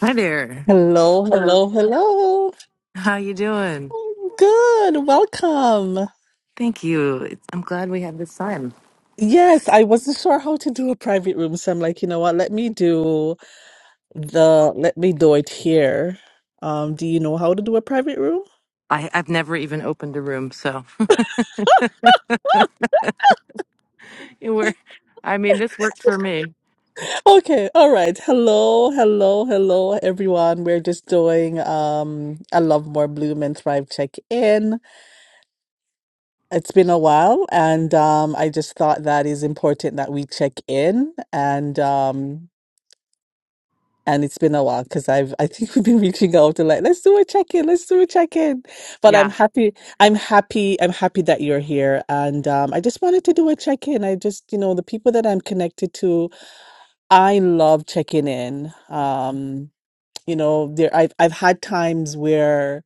Hi there. Hello, Hello. hello, hello. How you doing? I'm good. Welcome. Thank you. It's, I'm glad we had this time. Yes, I wasn't sure how to do a private room, so I'm like, you know what? Let me do the let me do it here. Um, do you know how to do a private room? I, I've never even opened a room, so it were. I mean, this worked for me. Okay, all right. Hello, hello, hello, everyone. We're just doing um a Love More Bloom and Thrive check-in. It's been a while, and um I just thought that is important that we check in and um and it's been a while because I've I think we've been reaching out to like let's do a check in, let's do a check in. But I'm Yeah, happy, I'm happy, I'm happy that you're here, and um, I just wanted to do a check in. I just you know the people that I'm connected to, I love checking in. Um, you know, there I've I've had times where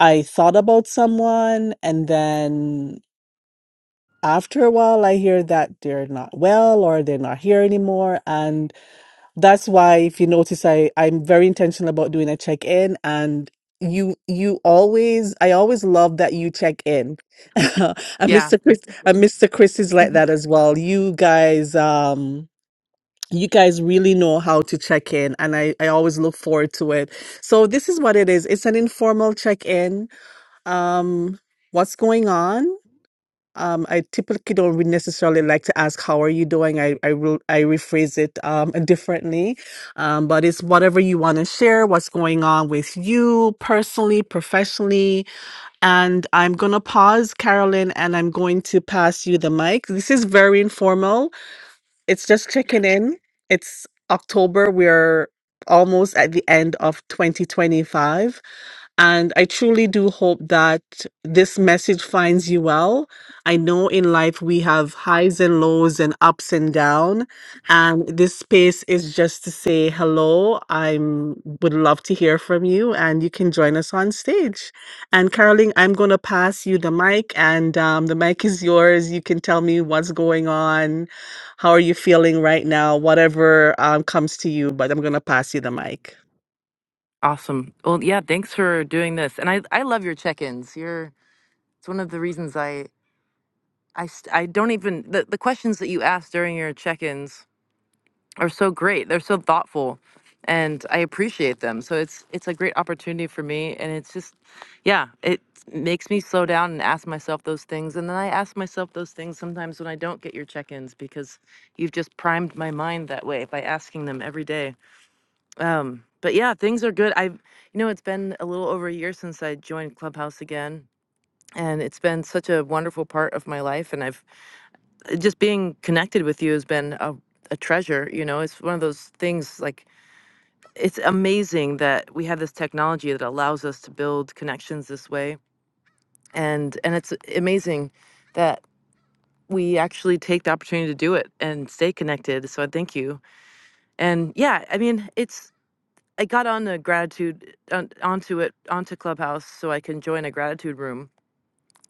I thought about someone and then. After a while, I hear that they're not well or they're not here anymore. That's why, if you notice, I I'm very intentional about doing a check in, and you you always I always love that you check in. And yeah. Mr. Chris and Mr. Chris is like that as well. You guys, um, you guys really know how to check in, and I I always look forward to it. So this is what it is. It's an informal check in. Um, what's going on? Um, I typically don't re- necessarily like to ask how are you doing. I I, re- I rephrase it um, differently, um, but it's whatever you want to share, what's going on with you personally, professionally. And I'm gonna pause, Carolyn, and I'm going to pass you the mic. This is very informal. It's just checking in. It's October. We're almost at the end of 2025. And I truly do hope that this message finds you well. I know in life we have highs and lows and ups and down. And this space is just to say hello. I'm would love to hear from you and you can join us on stage. And Caroline, I'm gonna pass you the mic and um, the mic is yours. You can tell me what's going on how are you feeling right now? Whatever, um, comes to you, but I'm gonna pass you the mic. Awesome. Well, yeah. Thanks for doing this, and I I love your check-ins. You're it's one of the reasons I I st- I don't even the the questions that you ask during your check-ins. are so great. They're so thoughtful and I appreciate them. So it's it's a great opportunity for me and it's just yeah, it makes me slow down and ask myself those things and then I ask myself those things sometimes when I don't get your check-ins because you've just primed my mind that way by asking them every day. Um but yeah, things are good. I have you know, it's been a little over a year since I joined Clubhouse again and it's been such a wonderful part of my life and I've just being connected with you has been a a treasure, you know. It's one of those things like it's amazing that we have this technology that allows us to build connections this way and and it's amazing that we actually take the opportunity to do it and stay connected so i thank you and yeah i mean it's i got on a gratitude on, onto it onto clubhouse so i can join a gratitude room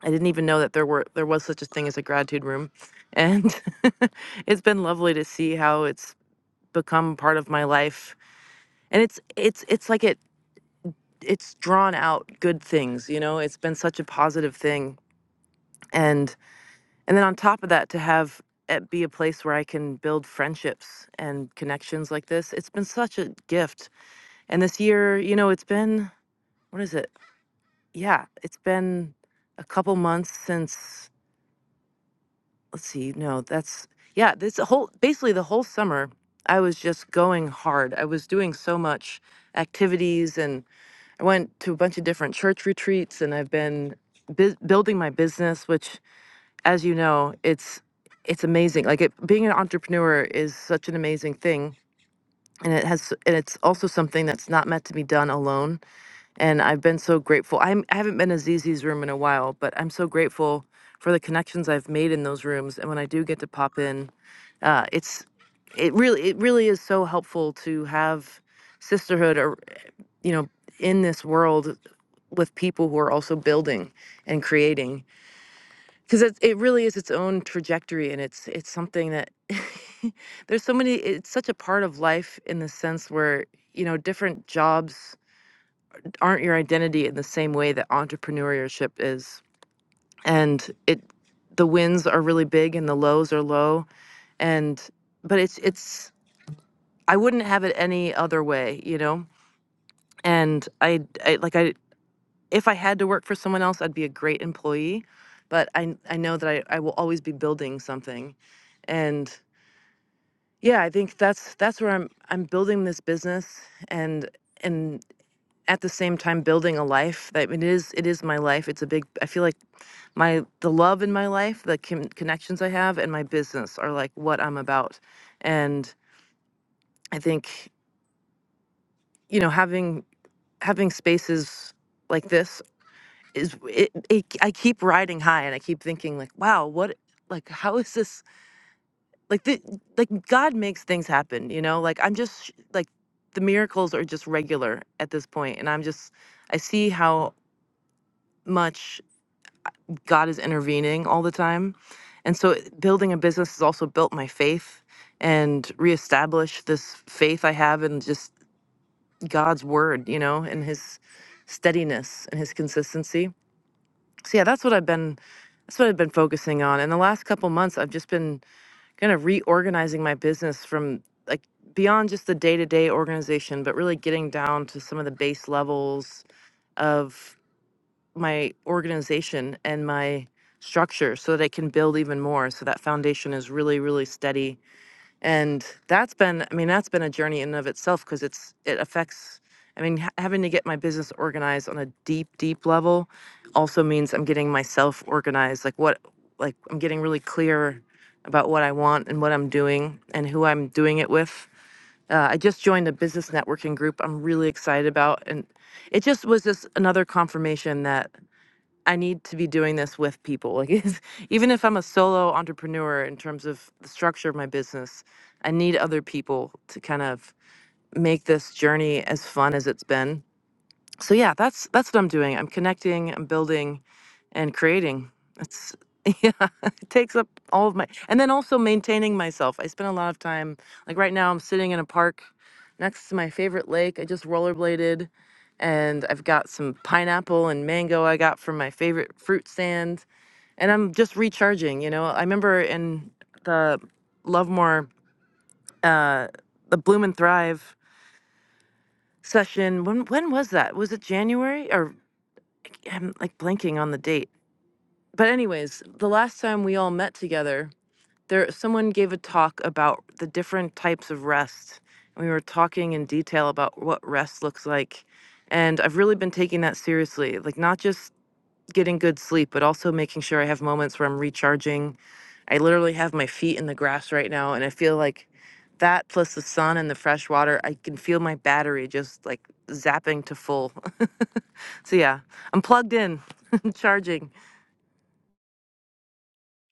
i didn't even know that there were there was such a thing as a gratitude room and it's been lovely to see how it's become part of my life and it's it's it's like it it's drawn out good things you know it's been such a positive thing and and then on top of that to have it be a place where i can build friendships and connections like this it's been such a gift and this year you know it's been what is it yeah it's been a couple months since let's see no that's yeah this whole basically the whole summer i was just going hard i was doing so much activities and. I went to a bunch of different church retreats and I've been bu- building my business which as you know it's it's amazing like it, being an entrepreneur is such an amazing thing and it has and it's also something that's not meant to be done alone and I've been so grateful I'm, I haven't been to Zizi's room in a while but I'm so grateful for the connections I've made in those rooms and when I do get to pop in uh, it's it really it really is so helpful to have sisterhood or you know in this world with people who are also building and creating because it, it really is its own trajectory and it's it's something that there's so many it's such a part of life in the sense where you know different jobs aren't your identity in the same way that entrepreneurship is and it the wins are really big and the lows are low and but it's it's i wouldn't have it any other way you know and i, I like i if I had to work for someone else, I'd be a great employee. But I I know that I, I will always be building something. And yeah, I think that's that's where I'm I'm building this business and and at the same time building a life that it is it is my life. It's a big I feel like my the love in my life, the con- connections I have and my business are like what I'm about. And I think, you know, having having spaces like this is it, it i keep riding high and i keep thinking like wow what like how is this like the like god makes things happen you know like i'm just sh- like the miracles are just regular at this point and i'm just i see how much god is intervening all the time and so it- building a business has also built my faith and reestablished this faith i have in just god's word you know and his steadiness and his consistency so yeah that's what i've been that's what i've been focusing on in the last couple months i've just been kind of reorganizing my business from like beyond just the day-to-day organization but really getting down to some of the base levels of my organization and my structure so that i can build even more so that foundation is really really steady and that's been i mean that's been a journey in and of itself because it's it affects i mean ha- having to get my business organized on a deep deep level also means i'm getting myself organized like what like i'm getting really clear about what i want and what i'm doing and who i'm doing it with uh, i just joined a business networking group i'm really excited about and it just was just another confirmation that I need to be doing this with people. Like, it's- even if I'm a solo entrepreneur in terms of the structure of my business, I need other people to kind of make this journey as fun as it's been. So yeah, that's that's what I'm doing. I'm connecting. I'm building and creating. It's yeah, it takes up all of my and then also maintaining myself. I spend a lot of time like right now I'm sitting in a park next to my favorite lake. I just rollerbladed and I've got some pineapple and mango I got from my favorite fruit stand and I'm just recharging, you know. I remember in the Lovemore uh the Bloom and Thrive session when when was that? Was it January or I'm like blanking on the date but anyways, the last time we all met together, there someone gave a talk about the different types of rest. And we were talking in detail about what rest looks like. And I've really been taking that seriously, like not just getting good sleep, but also making sure I have moments where I'm recharging. I literally have my feet in the grass right now and I feel like that plus the sun and the fresh water, I can feel my battery just like zapping to full. so yeah, I'm plugged in, charging.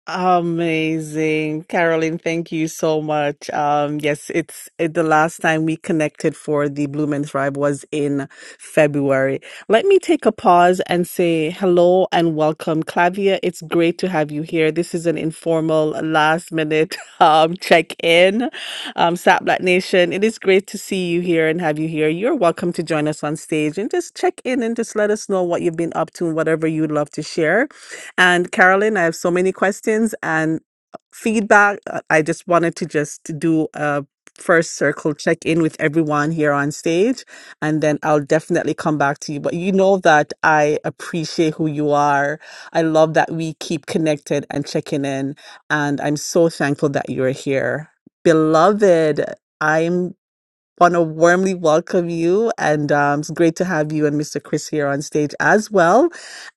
Amazing. Caroline. thank you so much. Um, yes, it's it, the last time we connected for the Blue and Thrive was in February. Let me take a pause and say hello and welcome. Clavia, it's great to have you here. This is an informal last minute um, check in. Um, Sat Black Nation, it is great to see you here and have you here. You're welcome to join us on stage and just check in and just let us know what you've been up to and whatever you'd love to share. And Carolyn, I have so many questions and feedback. Uh, I just wanted to just do a first circle check in with everyone here on stage, and then I'll definitely come back to you. But you know that I appreciate who you are. I love that we keep connected and checking in, and I'm so thankful that you're here. Beloved, I'm want to warmly welcome you. And um, it's great to have you and Mr. Chris here on stage as well.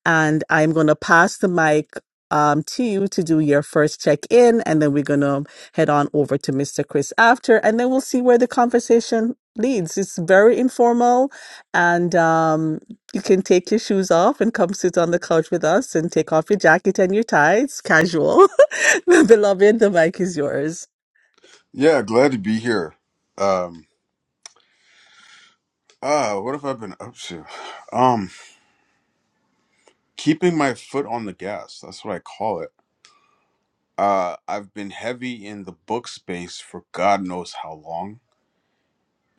And I'm going to pass the mic um, to you to do your first check in. And then we're going to head on over to Mr. Chris after. And then we'll see where the conversation leads. It's very informal. And um, you can take your shoes off and come sit on the couch with us and take off your jacket and your tie. It's casual. Beloved, the mic is yours. Yeah, glad to be here. Um, ah, what have I been up to? Um, keeping my foot on the gas. That's what I call it. Uh, I've been heavy in the book space for God knows how long,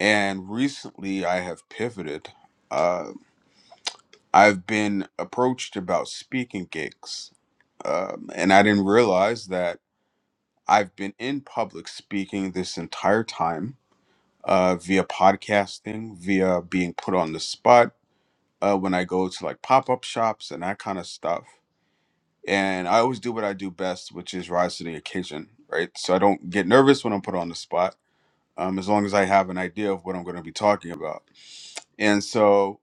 and recently I have pivoted. Uh, I've been approached about speaking gigs, um, and I didn't realize that I've been in public speaking this entire time, uh, via podcasting, via being put on the spot uh, when I go to like pop up shops and that kind of stuff. And I always do what I do best, which is rise to the occasion, right? So I don't get nervous when I'm put on the spot, um, as long as I have an idea of what I'm going to be talking about. And so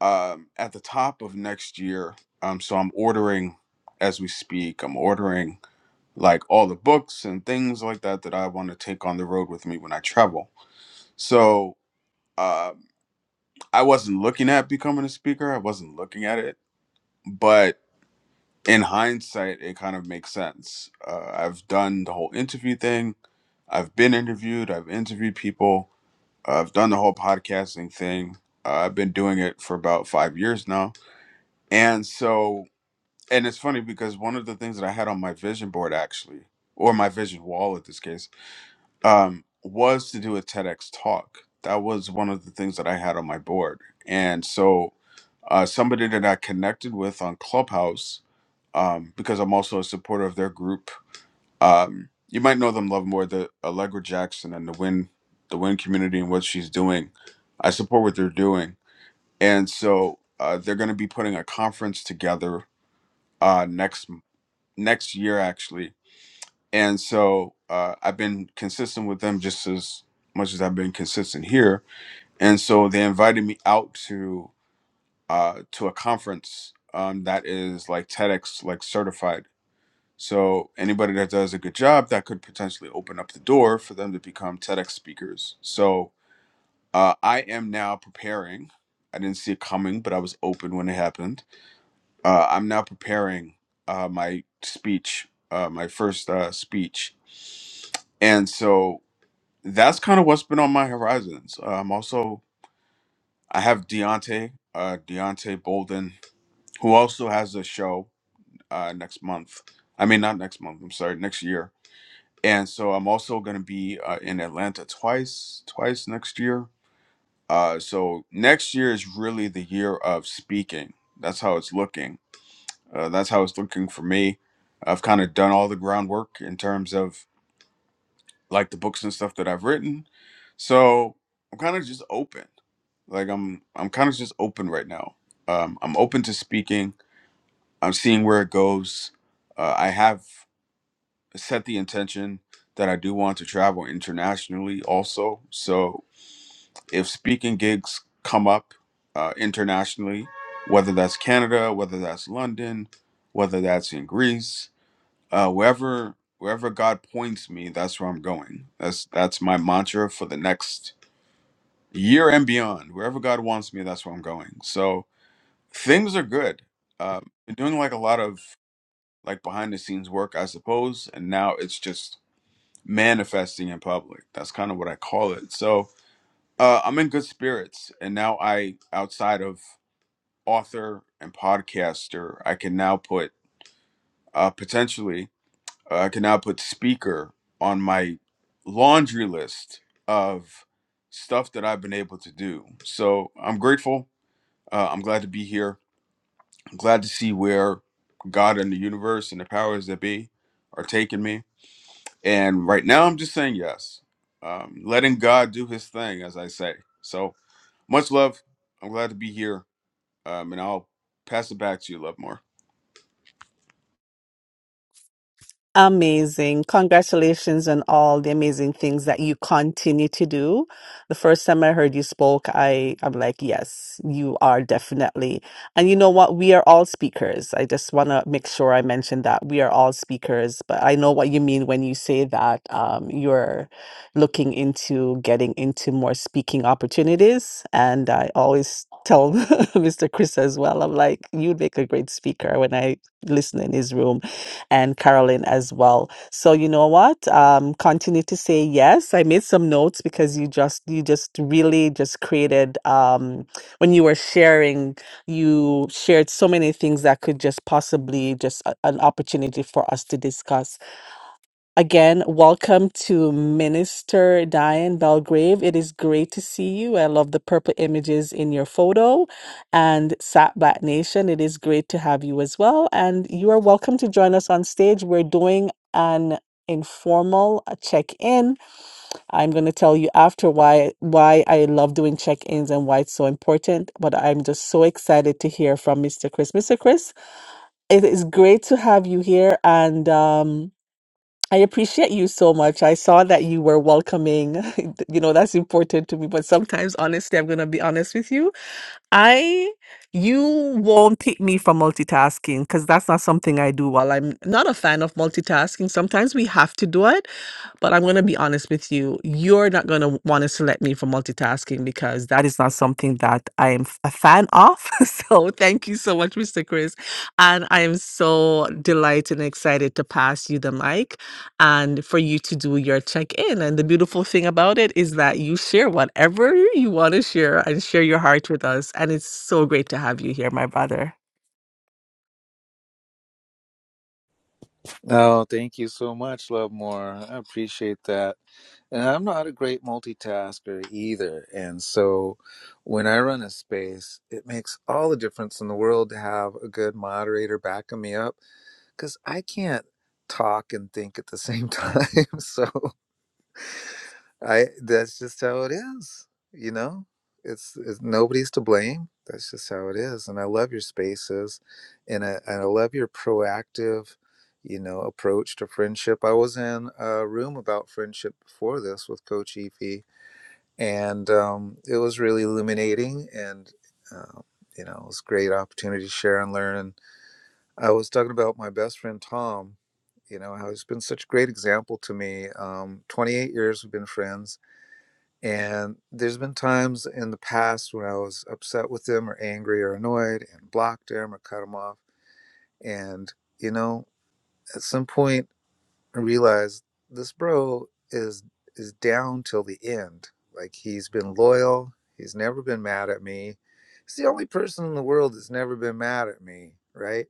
um, at the top of next year, um, so I'm ordering as we speak, I'm ordering like all the books and things like that that I want to take on the road with me when I travel. So uh, I wasn't looking at becoming a speaker, I wasn't looking at it, but in hindsight, it kind of makes sense. Uh, I've done the whole interview thing. I've been interviewed. I've interviewed people. I've done the whole podcasting thing. Uh, I've been doing it for about five years now. And so, and it's funny because one of the things that I had on my vision board actually, or my vision wall at this case, um, was to do a TEDx talk. That was one of the things that I had on my board. And so uh, somebody that I connected with on Clubhouse, um, because I'm also a supporter of their group. Um, you might know them, Love More, the Allegra Jackson and the Win, the Win community and what she's doing. I support what they're doing, and so uh, they're going to be putting a conference together uh, next next year, actually, and so uh, I've been consistent with them just as much as I've been consistent here. And so they invited me out to uh, to a conference um, that is like TEDx like certified. So anybody that does a good job that could potentially open up the door for them to become TEDx speakers. So uh, I am now preparing. I didn't see it coming, but I was open when it happened. Uh, I'm now preparing uh, my speech, uh, my first uh, speech, and so. that's kind of what's been on my horizons. Um, also, I have Deontay, uh, Deontay Bolden, who also has a show uh, next month. I mean, not next month. I'm sorry, next year. And so I'm also going to be uh, in Atlanta twice, twice next year. Uh, so next year is really the year of speaking. That's how it's looking. Uh, that's how it's looking for me. I've kind of done all the groundwork in terms of like the books and stuff that I've written. So I'm kind of just open. like i'm i'm kind of just open right now um i'm open to speaking i'm seeing where it goes uh, i have set the intention that i do want to travel internationally also so if speaking gigs come up uh, internationally whether that's canada whether that's london whether that's in greece uh, wherever wherever god points me that's where i'm going that's that's my mantra for the next year and beyond wherever god wants me that's where i'm going so Things are good. Um, been doing like a lot of like behind the scenes work, I suppose, and now it's just manifesting in public. That's kind of what I call it. So uh, I'm in good spirits, and now I, outside of author and podcaster, I can now put uh, potentially uh, I can now put speaker on my laundry list of stuff that I've been able to do. So I'm grateful. Uh, I'm glad to be here I'm glad to see where God and the universe and the powers that be are taking me. And right now, I'm just saying yes, um, letting God do His thing, as I say. So much love. I'm glad to be here, um, and I'll pass it back to you, Love More. Amazing. Congratulations on all the amazing things that you continue to do. The first time I heard you spoke, I, I'm like, yes, you are definitely. And you know what? We are all speakers. I just want to make sure I mention that we are all speakers, but I know what you mean when you say that um, you're looking into getting into more speaking opportunities. And I always tell Mr. Chris as well, I'm like, you'd make a great speaker when I listen in his room and Carolyn as well. So you know what? Um, continue to say yes. I made some notes because you just you just really just created um, when you were sharing, you shared so many things that could just possibly just a- an opportunity for us to discuss. Again, welcome to Minister Diane Belgrave. It is great to see you. I love the purple images in your photo and Sat Black Nation. It is great to have you as well. And you are welcome to join us on stage. We're doing an informal check-in. I'm going to tell you after why why I love doing check-ins and why it's so important, but I'm just so excited to hear from Mr. Chris. Mr. Chris, it is great to have you here and um I appreciate you so much. I saw that you were welcoming. You know, that's important to me. But sometimes, honestly, I'm going to be honest with you. I, you won't pick me for multitasking because that's not something I do While I'm not a fan of multitasking. Sometimes we have to do it. But I'm going to be honest with you. You're not going to want to select me for multitasking because that is not something that I am f- a fan of. so thank you so much, Mr. Chris. And I am so delighted and excited to pass you the mic and for you to do your check in. And the beautiful thing about it is that you share whatever you want to share and share your heart with us. And it's so great to have you here, my brother. Oh, thank you so much, Love More. I appreciate that. And I'm not a great multitasker either. And so when I run a space, it makes all the difference in the world to have a good moderator backing me up because I can't talk and think at the same time. So I that's just how it is, you know. It's, it's nobody's to blame. That's just how it is. And I love your spaces, and I and I love your proactive, you know, approach to friendship. I was in a room about friendship before this with Coach Efi, and um, it was really illuminating. And uh, you know, it was a great opportunity to share and learn. And I was talking about my best friend Tom. You know, how he's been such a great example to me. Um, 28 years we've been friends and there's been times in the past when I was upset with him or angry or annoyed and blocked him or cut him off. And, you know, at some point I realized this bro is is down till the end. Like he's been loyal, he's never been mad at me. He's the only person in the world that's never been mad at me, right?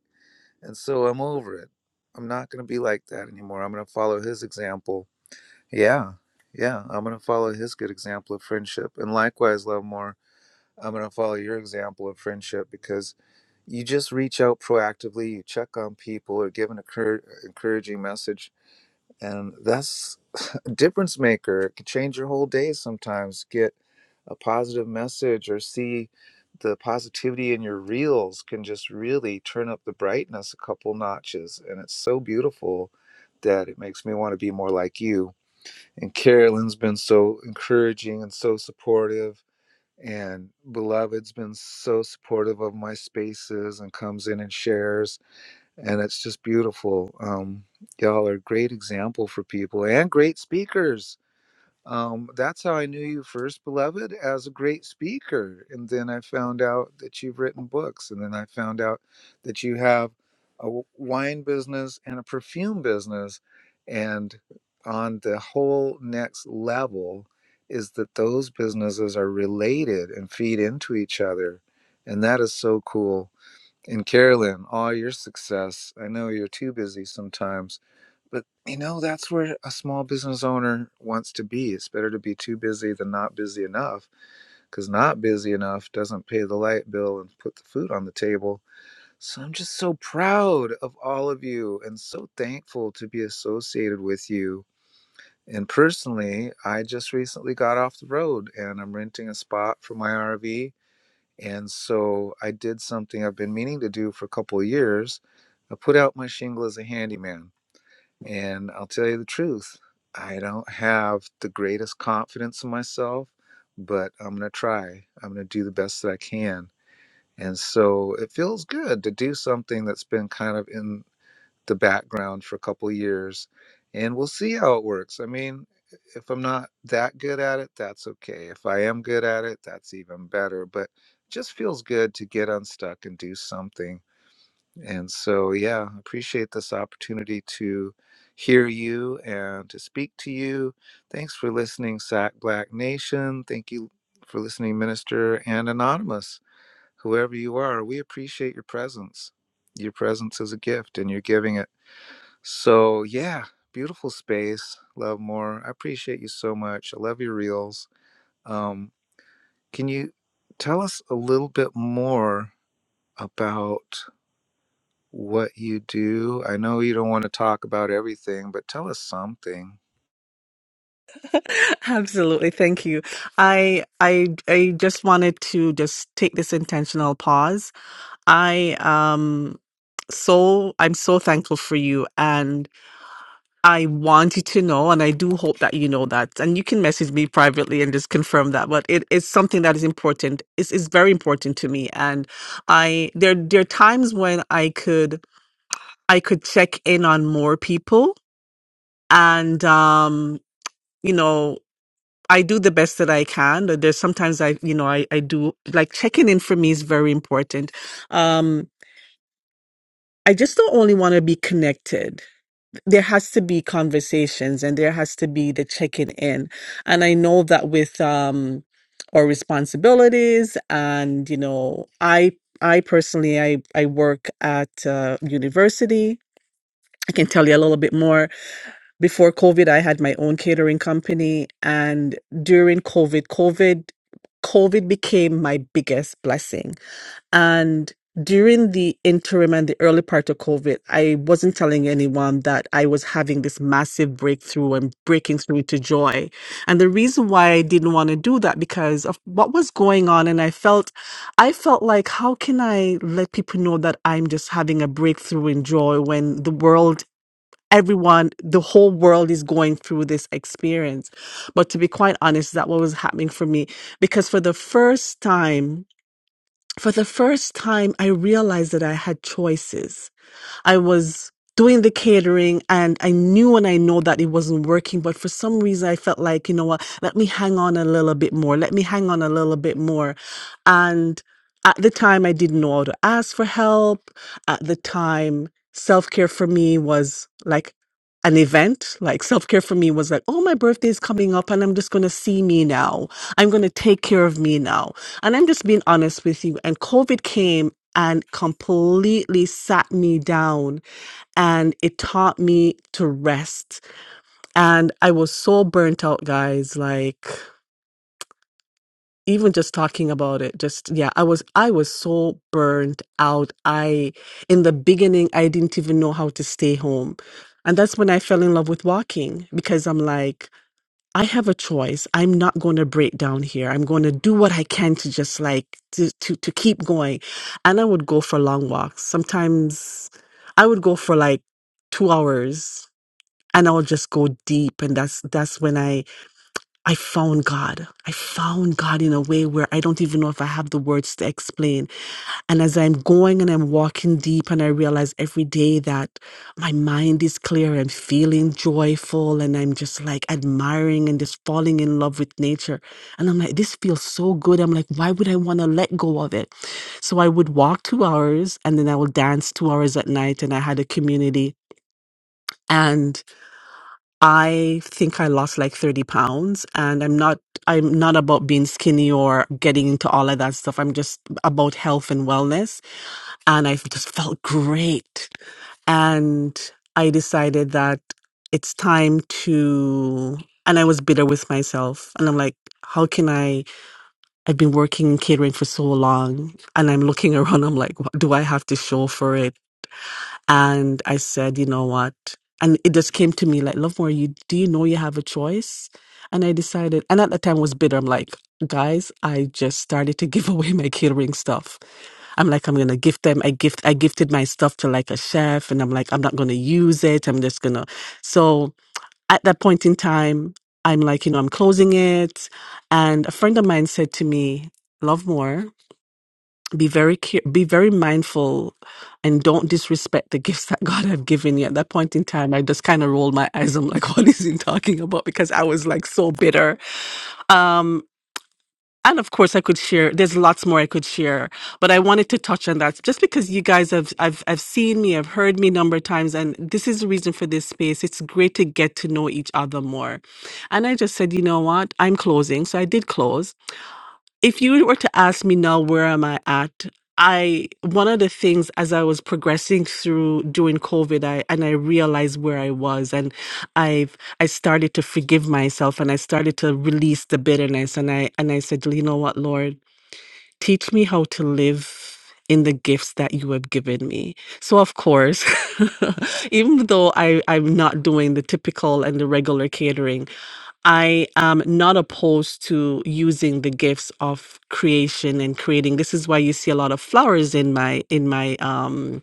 And so I'm over it. I'm not gonna be like that anymore. I'm gonna follow his example yeah, yeah. I'm going to follow his good example of friendship. And likewise, Lovemore, I'm going to follow your example of friendship because you just reach out proactively, you check on people or give an encour- encouraging message. And that's a difference maker. It could change your whole day sometimes. Get a positive message or see the positivity in your reels can just really turn up the brightness a couple notches. And it's so beautiful that it makes me want to be more like you and Carolyn's been so encouraging and so supportive. And Beloved's been so supportive of my spaces and comes in and shares. And it's just beautiful. Um, y'all are a great example for people and great speakers. Um, that's how I knew you first, beloved, as a great speaker. And then I found out that you've written books. And then I found out that you have a w- wine business and a perfume business. And on the whole next level is that those businesses are related and feed into each other. And that is so cool. And Carolyn, all your success. I know you're too busy sometimes but you know, that's where a small business owner wants to be. It's better to be too busy than not busy enough, because not busy enough doesn't pay the light bill and put the food on the table. So I'm just so proud of all of you and so thankful to be associated with you. And personally, I just recently got off the road and I'm renting a spot for my RV. And so I did something I've been meaning to do for a couple of years. I put out my shingle as a handyman and I'll tell you the truth, I don't have the greatest confidence in myself, but I'm going to try. I'm going to do the best that I can. And so it feels good to do something that's been kind of in the background for a couple of years. And we'll see how it works. I mean, if I'm not that good at it, that's okay. If I am good at it, that's even better. But it just feels good to get unstuck and do something and so, yeah, appreciate this opportunity to hear you and to speak to you. Thanks for listening, Sac Black Nation. Thank you for listening, Minister and Anonymous, whoever you are. We appreciate your presence. Your presence is a gift and you're giving it. So, yeah, beautiful space. Love more. I appreciate you so much. I love your reels. Um, can you tell us a little bit more about? what you do. I know you don't want to talk about everything, but tell us something. Absolutely. Thank you. I I I just wanted to just take this intentional pause. I um so I'm so thankful for you and I wanted to know, and I do hope that you know that. And you can message me privately and just confirm that. But it is something that is important. It's, it's very important to me. And I there there are times when I could I could check in on more people, and um, you know, I do the best that I can. But There's sometimes I you know I I do like checking in for me is very important. Um, I just don't only want to be connected. there has to be conversations and there has to be the checking in and i know that with um our responsibilities and you know i i personally i i work at uh, university i can tell you a little bit more before covid i had my own catering company and during covid covid covid became my biggest blessing and during the interim and the early part of COVID, I wasn't telling anyone that I was having this massive breakthrough and breaking through to joy. And the reason why I didn't want to do that because of what was going on. And I felt, I felt like, how can I let people know that I'm just having a breakthrough in joy when the world Everyone, the whole world is going through this experience. But to be quite honest, that what was happening for me because for the first time for the first time, I realized that I had choices. I was doing the catering and I knew and I know that it wasn't working, but for some reason I felt like, you know what, let me hang on a little bit more. Let me hang on a little bit more. And at the time, I didn't know how to ask for help. At the time, self care for me was like, an event like self care for me was like, oh, my birthday is coming up and I'm just going to see me now. I'm going to take care of me now. And I'm just being honest with you. And COVID came and completely sat me down and it taught me to rest. And I was so burnt out, guys. Like even just talking about it, just yeah, I was I was so burnt out. I in the beginning I didn't even know how to stay home. And that's when I fell in love with walking because I'm like I have a choice. I'm not going to break down here. I'm going to do what I can to just like to, to to keep going. And I would go for long walks. Sometimes I would go for like 2 hours and I'll just go deep and that's that's when I I found God. I found God in a way where I don't even know if I have the words to explain and as I'm going and I'm walking deep, and I realize every day that my mind is clear, I'm feeling joyful, and I'm just like admiring and just falling in love with nature. And I'm like, this feels so good. I'm like, why would I want to let go of it? So I would walk two hours and then I would dance two hours at night. And I had a community. And I think I lost like 30 pounds. And I'm not, I'm not about being skinny or getting into all of that stuff. I'm just about health and wellness and I just felt great. And I decided that it's time to, and I was bitter with myself. And I'm like, how can I? I've been working in catering for so long, and I'm looking around. I'm like, what do I have to show for it? And I said, you know what? And it just came to me like, Lovemore, you do you know you have a choice? And I decided, and at the time I was bitter. I'm like, guys, I just started to give away my catering stuff I'm like, I'm gonna gift them. I gift I gifted my stuff to like a chef and I'm like, I'm not gonna use it. I'm just gonna so at that point in time, I'm like, you know, I'm closing it. And a friend of mine said to me, Love more, be very care- be very mindful and don't disrespect the gifts that God have given you. At that point in time, I just kind of rolled my eyes. I'm like, what is he talking about? Because I was like so bitter. Um, and of course, I could share. There's lots more I could share, but I wanted to touch on that just because you guys have, I've, I've seen me, I've heard me a number of times, and this is the reason for this space. It's great to get to know each other more. And I just said, you know what? I'm closing. So I did close if you were to ask me now where am i at i one of the things as i was progressing through during covid i and i realized where i was and i've i started to forgive myself and i started to release the bitterness and i and i said you know what lord Teach me how to live in the gifts that you have given me. So, of course, even though I, I'm not doing the typical and the regular catering, I am not opposed to using the gifts of creation and creating. This is why you see a lot of flowers in my in my um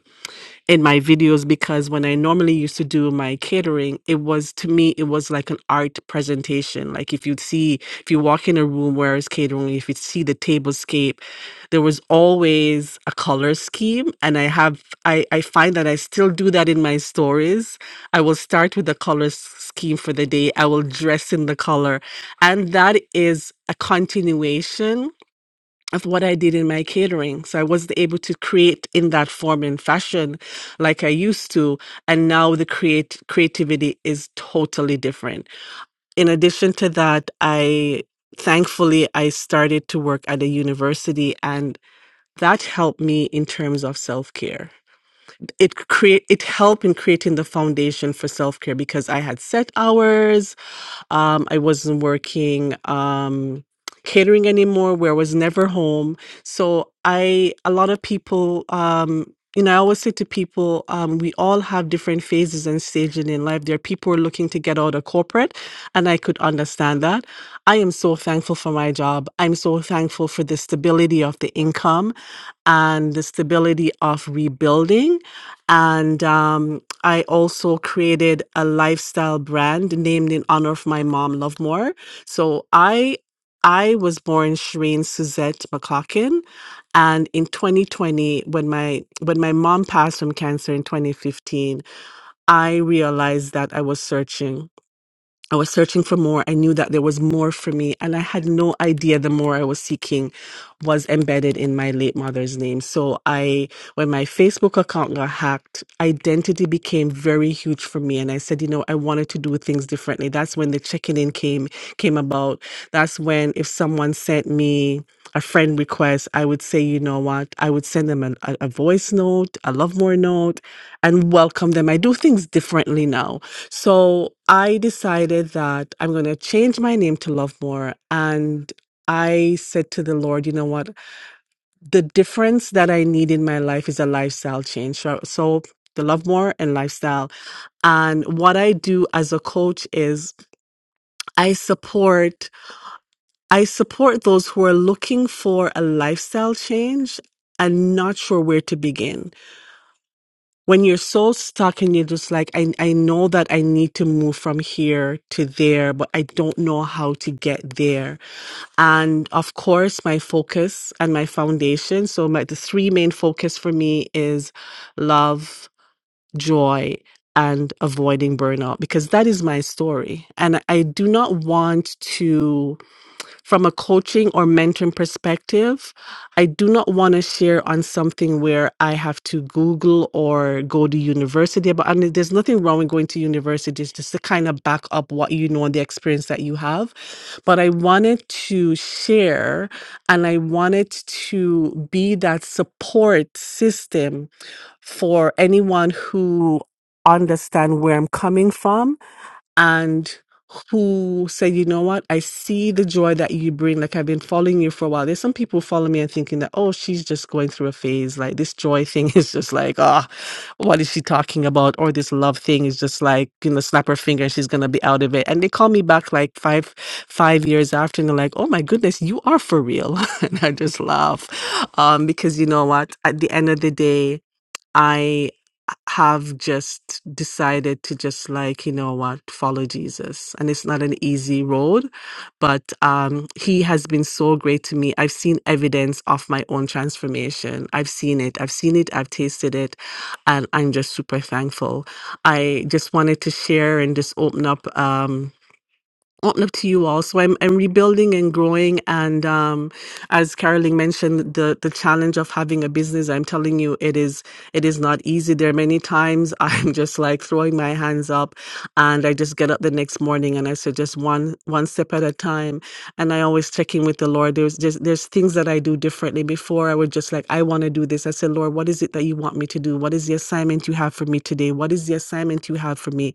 in my videos because when I normally used to do my catering, it was to me, it was like an art presentation. Like if you'd see, if you walk in a room where it's catering, if you see the tablescape, there was always a color scheme. And I have, I, I find that I still do that in my stories. I will start with the color s- scheme for the day, I will dress in the color. And that is a continuation of what I did in my catering. So I wasn't able to create in that form and fashion like I used to. And now the create creativity is totally different. In addition to that, I thankfully I started to work at a university and that helped me in terms of self-care. It create it helped in creating the foundation for self-care because I had set hours um, I wasn't working um, catering anymore, where I was never home. So I, a lot of people, um, you know, I always say to people, um, we all have different phases and stages in life. There are people who are looking to get out of corporate, and I could understand that. I am so thankful for my job. I'm so thankful for the stability of the income and the stability of rebuilding. And um, I also created a lifestyle brand named in honor of my mom, Love More. So I I was born Shireen Suzette McLaughlin. And in 2020, when my when my mom passed from cancer in 2015, I realized that I was searching I was searching for more. I knew that there was more for me, and I had no idea the more I was seeking was embedded in my late mother's name. So I, when my Facebook account got hacked, identity became very huge for me, and I said, you know, I wanted to do things differently. That's when the checking in came came about. That's when if someone sent me a friend request, I would say, you know what, I would send them an, a, a voice note, a love more note, and welcome them. I do things differently now so I decided that I'm going to change my name to Love More. And I said to the Lord, you know what? The difference that I need in my life is a lifestyle change. So, so the Love More and lifestyle. And what I do as a coach is I support, I support those who are looking for a lifestyle change and not sure where to begin. when you're so stuck and you're just like I, I know that i need to move from here to there but i don't know how to get there and of course my focus and my foundation so my the three main focus for me is love joy and avoiding burnout because that is my story and i do not want to from a coaching or mentoring perspective, I do not want to share on something where I have to Google or go to university. But I mean, there's nothing wrong with going to university, it's just to kind of back up what you know and the experience that you have. But I wanted to share and I wanted to be that support system for anyone who understand where I'm coming from and who said, you know what, I see the joy that you bring. Like I've been following you for a while. There's some people follow me and thinking that, oh, she's just going through a phase. Like this joy thing is just like, ah, what is she talking about? Or this love thing is just like, you know, snap her finger and she's gonna be out of it. And they call me back like five, five years after and they're like, oh my goodness, you are for real. and I just laugh. Um, because you know what, at the end of the day, I have just decided to just like, you know what, follow Jesus. And it's not an easy road, but um, he has been so great to me. I've seen evidence of my own transformation. I've seen it. I've seen it. I've tasted it. And I'm just super thankful. I just wanted to share and just open up. Um, open up to you all. So I'm I'm rebuilding and growing, and um, as Carolyn mentioned, the the challenge of having a business. I'm telling you, it is it is not easy. There are many times I'm just like throwing my hands up, and I just get up the next morning and I say just one one step at a time. And I always check in with the Lord. There's just there's things that I do differently. Before I would just like I want to do this. I said, Lord, what is it that you want me to do? What is the assignment you have for me today? What is the assignment you have for me?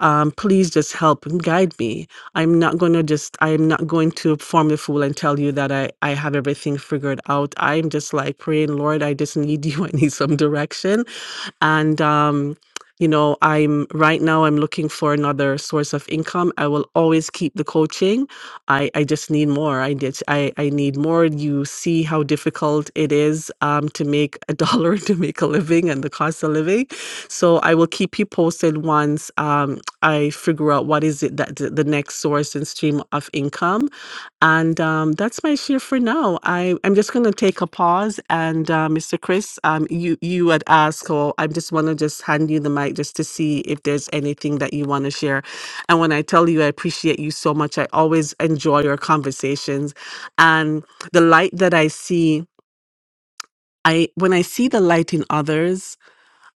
um, please just help and guide me. I'm not going to just, I'm not going to form the fool and tell you that I, I have everything figured out. I'm just like praying, Lord, I just need you. I need some direction. And, um, you know, I'm right now, I'm looking for another source of income. I will always keep the coaching. I, I just need more. I did, I, I need more. You see how difficult it is um, to make a dollar, to make a living and the cost of living. So I will keep you posted once. Um, I figure out what is it that the the next source and stream of income. And um, that's my share for now. I, I'm just going to take a pause. And uh, Mr. Chris, um, you, you had asked, or I just want to just hand you the mic just to see if there's anything that you want to share. And when I tell you, I appreciate you so much. I always enjoy your conversations. And the light that I see, I when I see the light in others,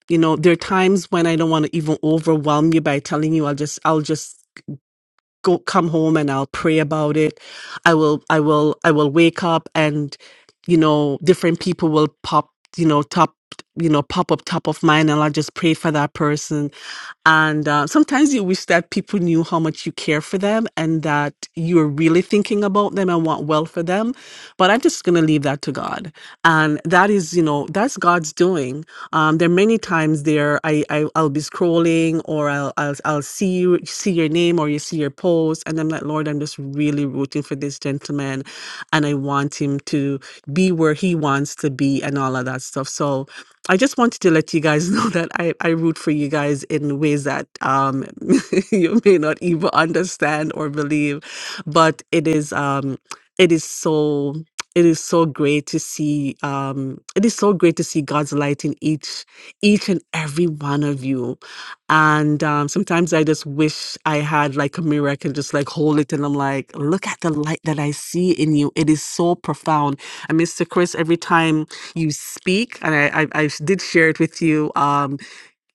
you know, there are times when I don't want to even overwhelm you by telling you I'll just I'll just go come home and I'll pray about it. I will I will I will wake up and you know different people will pop you know top you know pop up top of mind and I'll just pray for that person. And uh, sometimes you wish that people knew how much you care for them and that you're really thinking about them and want well for them. But I'm just gonna leave that to God. And that is you know that's God's doing. Um, there are many times there I, I I'll be scrolling or I'll I'll, I'll see you see your name or you see your post, and I'm like, Lord, I'm just really rooting for this gentleman, and I want him to be where he wants to be, and all of that stuff. So I just wanted to let you guys know that I, I root for you guys in ways that um, you may not even understand or believe, but it is um, it is so it is so great to see um, it is so great to see God's light in each each and every one of you and um, sometimes I just wish I had like a mirror. I can just like hold it and I'm like, look at the light that I see in you. It is so profound. And Mr. Chris, every time you speak, and I, I, I did share it with you, um,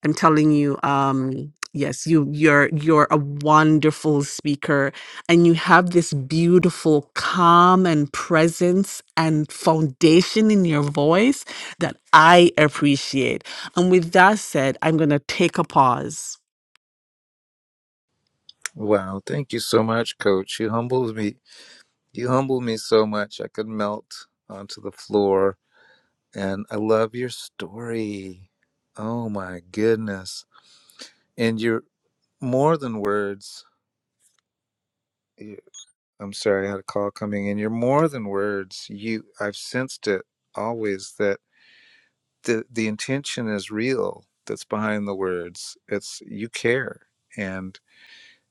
I'm telling you, um, yes, you you're you're a wonderful speaker and you have this beautiful calm and presence and foundation in your voice that I appreciate. And with that said, I'm going to take a pause Wow, thank you so much, coach. You humbled me. You humbled me so much. I could melt onto the floor. And I love your story. Oh my goodness. And you're more than words. You- I'm sorry, I had a call coming in. You're more than words. You I've sensed it always that the the intention is real that's behind the words. It's you care. And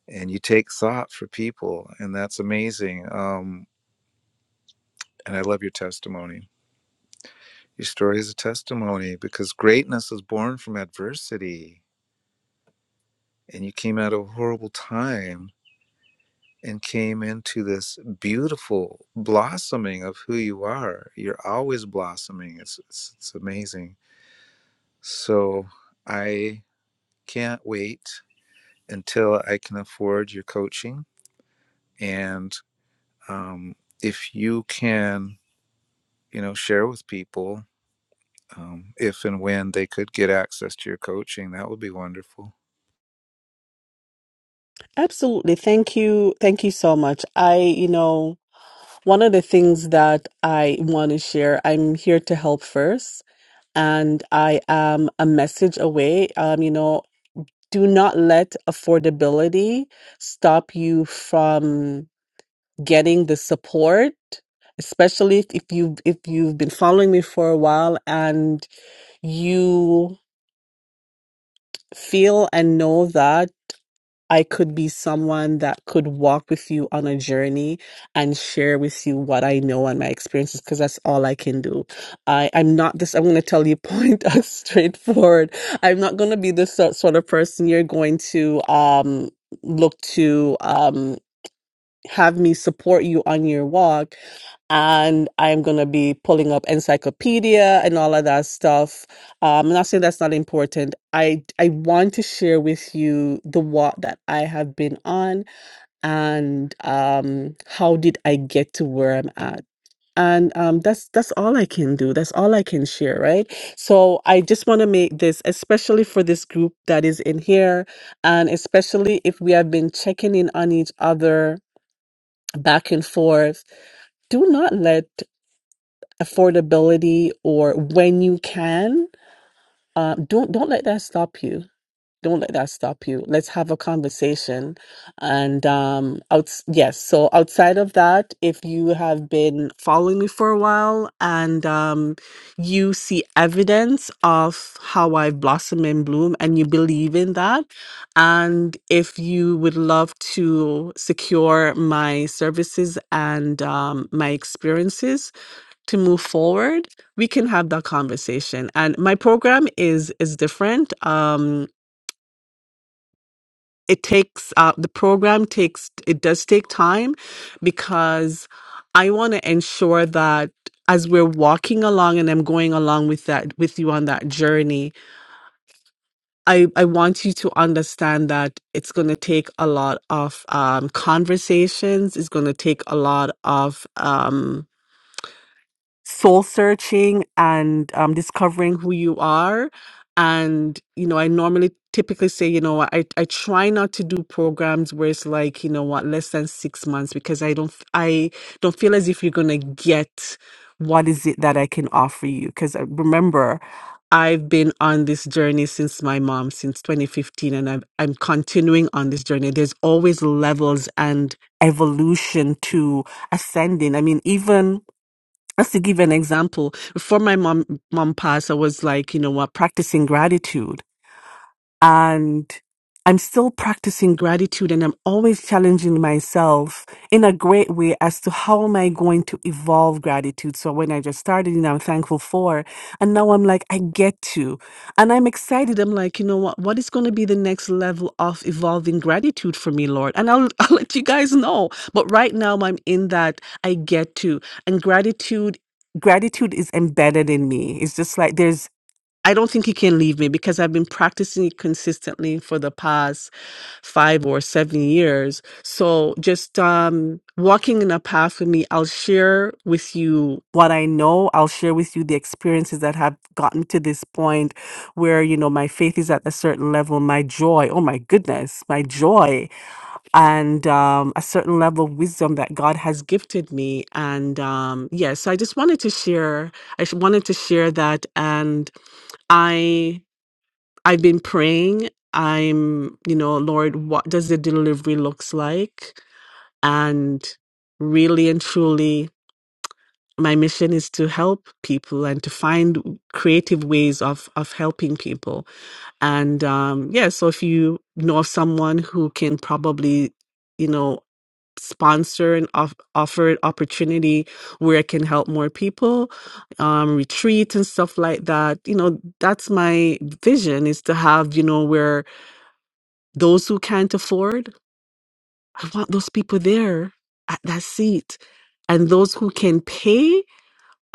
and you take thought for people and that's amazing um, and i love your testimony your story is a testimony because greatness is born from adversity and you came out of a horrible time and came into this beautiful blossoming of who you are you're always blossoming it's, it's, it's amazing so i can't wait until i can afford your coaching and um, if you can you know share with people um, if and when they could get access to your coaching, that would be wonderful. Absolutely. Thank you. Thank you so much. I, you know, one of the things that I want to share, I'm here to help first, and I am a message away. Um, you know, do not let affordability stop you from getting the support, especially if, if you if you've been following me for a while and you feel and know that I could be someone that could walk with you on a journey and share with you what I know and my experiences because that's all I can do. I, I'm not this, I'm going to tell you point out straightforward. I'm not going to be this so- sort of person you're going to um, look to um, have me support you on your walk and I'm going to be pulling up encyclopedia and all of that stuff. Um, I'm not saying that's not important. I I want to share with you the walk that I have been on and um, how did I get to where I'm at. And um, that's that's all I can do. That's all I can share, right? So I just want to make this, especially for this group that is in here, and especially if we have been checking in on each other back and forth. Do not let affordability or when you can um, don't don't let that stop you don't let that stop you let's have a conversation and um out yes so outside of that if you have been following me for a while and um you see evidence of how i've blossomed and bloom and you believe in that and if you would love to secure my services and um, my experiences to move forward, we can have that conversation. And my program is is different. Um, it takes uh, the program takes it does take time because I want to ensure that as we're walking along and I'm going along with that with you on that journey, I I want you to understand that it's going to take a lot of um, conversations. It's going to take a lot of um, soul searching and um, discovering who you are. And, you know, I normally typically say, you know, what, I, I try not to do programs where it's like, you know what, less than six months because I don't, f- I don't feel as if you're going to get what is it that I can offer you. Cause uh, remember, I've been on this journey since my mom, since 2015, and I'm, I'm continuing on this journey. There's always levels and evolution to ascending. I mean, even just to give an example, before my mom mom passed, I was like, you know what, practicing gratitude and I'm still practicing gratitude and I'm always challenging myself in a great way as to how am I going to evolve gratitude. So when I just started, you know, I'm thankful for, and now I'm like, I get to, and I'm excited. I'm like, you know what, what is going to be the next level of evolving gratitude for me, Lord? And I'll, I'll let you guys know. But right now I'm in that I get to, and gratitude, gratitude is embedded in me. It's just like, there's. I don't think he can leave me because I've been practicing it consistently for the past five or seven years. So just um, walking in a path with me, I'll share with you what I know. I'll share with you the experiences that have gotten to this point where, you know, my faith is at a certain level, my joy, oh my goodness, my joy, and um, a certain level of wisdom that God has gifted me. And um, yes, yeah, so I just wanted to share, I sh- wanted to share that. And I I've been praying. I'm, you know, Lord, what does the delivery looks like? And really and truly, my mission is to help people and to find creative ways of of helping people. And um, yeah, so if you know of someone who can probably, you know, sponsor and off- offer an opportunity where I can help more people, um, retreat and stuff like that. You know, that's my vision is to have, you know, where those who can't afford, I want those people there at that seat. And those who can pay,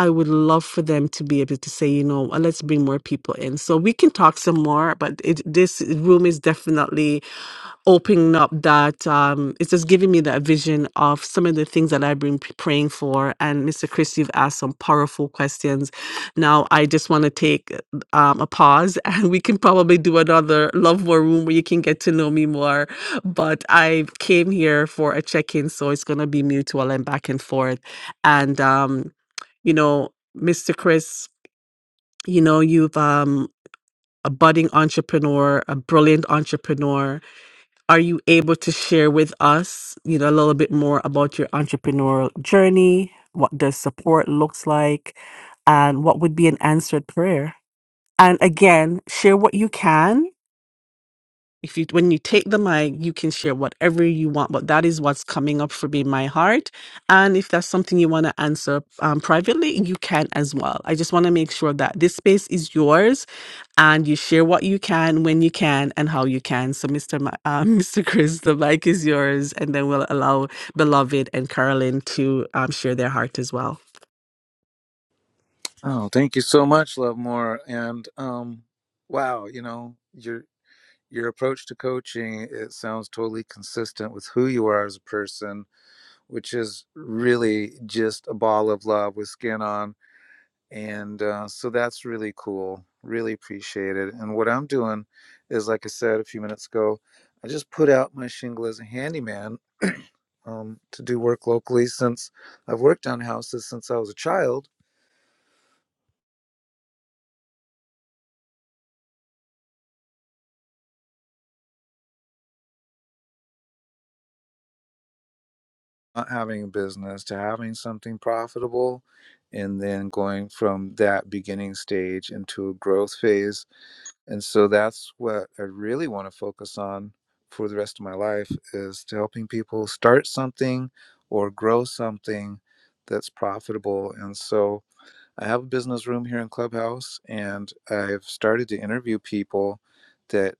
I would love for them to be able to say, you know, "Uh, let's bring more people in. So we can talk some more, but it, this room is definitely opening up that um, it's just giving me that vision of some of the things that I've been p- praying for. And Mr. Chris, you've asked some powerful questions. Now I just want to take um, a pause, and we can probably do another love war room where you can get to know me more. But I came here for a check-in, so it's gonna be mutual and back and forth. And um, you know, Mr. Chris, you know you've um, a budding entrepreneur, a brilliant entrepreneur are you able to share with us, you know, a little bit more about your entrepreneurial journey? What does support looks like, and what would be an answered prayer? And again, share what you can. If you, when you take the mic, you can share whatever you want, but that is what's coming up for me, in my heart. And if that's something you want to answer um, privately, you can as well. I just want to make sure that this space is yours and you share what you can when you can and how you can so mr Ma- uh, mr chris the mic is yours and then we'll allow beloved and carolyn to um, share their heart as well Oh, thank you so much, Love More. And um, wow, you know your your approach to coaching it sounds totally consistent with who you are as a person, which is really just a ball of love with skin on. And uh, so that's really cool. Really appreciate it. And what I'm doing is, like I said a few minutes ago, I just put out my shingle as a handyman um, to do work locally since I've worked on houses since I was a child, not having a business to having something profitable, and then going from that beginning stage into a growth phase. And so that's what I really want to focus on for the rest of my life is to helping people start something or grow something that's profitable. And so I have a business room here in Clubhouse, and I've started to interview people that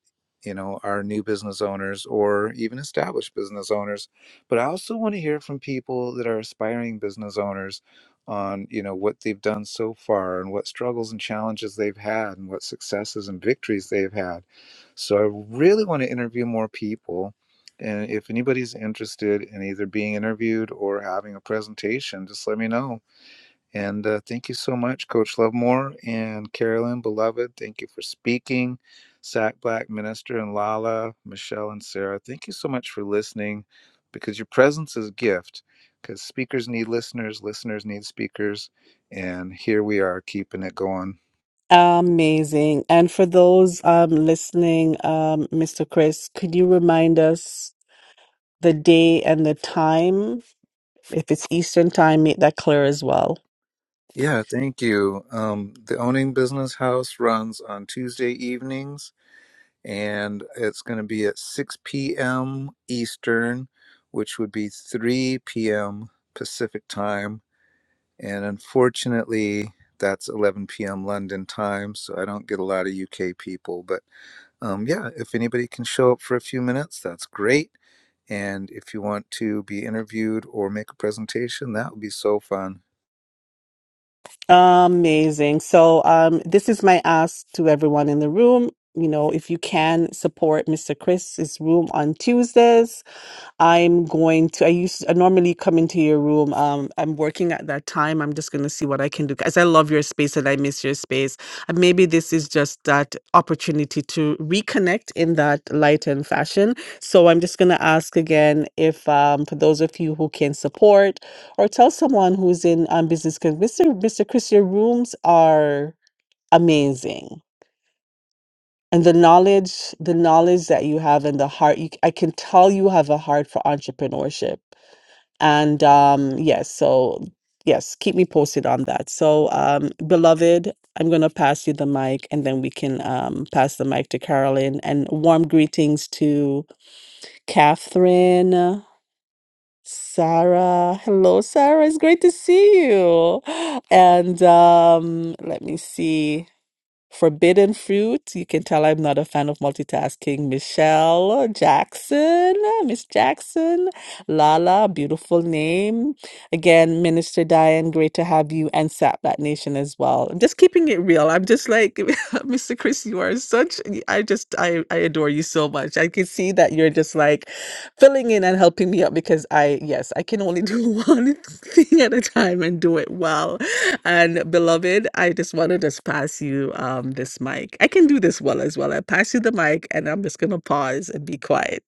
you know are new business owners or even established business owners. But I also want to hear from people that are aspiring business owners on you know what they've done so far and what struggles and challenges they've had and what successes and victories they've had. So I really want to interview more people. And if anybody's interested in either being interviewed or having a presentation, just let me know and uh, thank you so much, Coach Lovemore and Carolyn, beloved. Thank you for speaking. Sack Black Minister and Lala, Michelle and Sarah, thank you so much for listening because your presence is a gift because speakers need listeners, listeners need speakers. And here we are keeping it going. amazing and for those um, listening um, mr chris could you remind us the day and the time if it's eastern time make that clear as well Yeah, thank you. Um, the Owning Business House runs on Tuesday evenings and it's going to be at 6 p.m. Eastern, which would be 3 p.m. Pacific time. And unfortunately, that's 11 p.m. London time, so I don't get a lot of UK people. But um, yeah, if anybody can show up for a few minutes, that's great. And if you want to be interviewed or make a presentation, that would be so fun. Amazing. So, um, this is my ask to everyone in the room. You know, if you can support Mr. Chris's room on Tuesdays, I'm going to. I used. I normally come into your room. Um, I'm working at that time. I'm just going to see what I can do because I love your space and I miss your space. And maybe this is just that opportunity to reconnect in that light and fashion. So I'm just going to ask again if um, for those of you who can support or tell someone who's in um, business because Mr. Mr. Chris, your rooms are amazing. And the knowledge, the knowledge that you have and the heart, you, I can tell you have a heart for entrepreneurship and um, yes, so yes, keep me posted on that. So, um, beloved, I'm going to pass you the mic and then we can um, pass the mic to Carolyn. And warm greetings to Catherine, Sarah. Hello, Sarah. It's great to see you. And um, let me see. Forbidden Fruit. You can tell I'm not a fan of multitasking. Michelle Jackson, Miss Jackson, Lala, beautiful name. Again, Minister Diane, great to have you and Sap That Nation as well. I'm just keeping it real. I'm just like, Mr. Chris, you are such, I just, I, I adore you so much. I can see that you're just like filling in and helping me out because I, yes, I can only do one thing at a time and do it well. And beloved, I just want to just pass you um this mic. I can do this well as well. I pass you the mic and I'm just gonna pause and be quiet.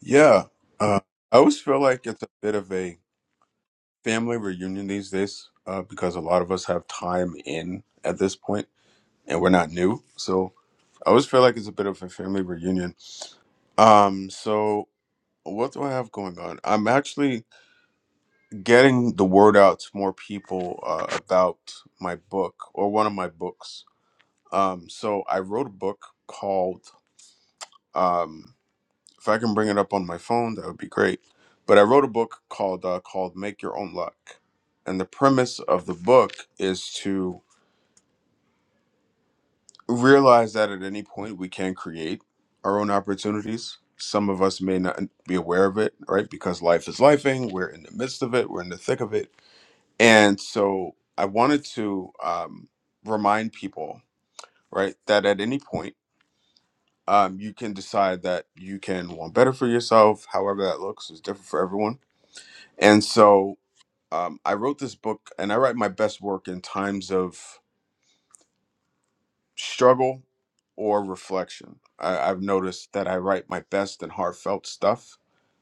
Yeah, uh, I always feel like it's a bit of a family reunion these days uh, because a lot of us have time in at this point, and we're not new. So I always feel like it's a bit of a family reunion. Um, so What do I have going on? I'm actually getting the word out to more people uh, about my book or one of my books. Um, so I wrote a book called, um, if I can bring it up on my phone, that would be great. But I wrote a book called uh, called Make Your Own Luck, and the premise of the book is to realize that at any point we can create our own opportunities. Some of us may not be aware of it, right? Because life is lifing. We're in the midst of it. We're in the thick of it And so I wanted to um, remind people, right, that at any point, um, you can decide that you can want better for yourself, however that looks is different for everyone. And so um, I wrote this book and I write my best work in times of struggle or reflection. I, I've noticed that I write my best and heartfelt stuff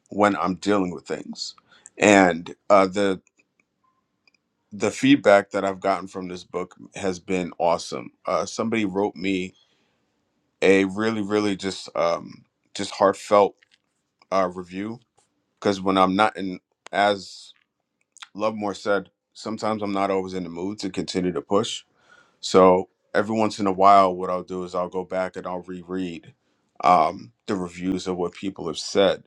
when I'm dealing with things. And uh, the the feedback that I've gotten from this book has been awesome. Uh, somebody wrote me a really really just um just heartfelt uh review because when i'm not in as lovemore said sometimes i'm not always in the mood to continue to push so every once in a while what i'll do is i'll go back and i'll reread um the reviews of what people have said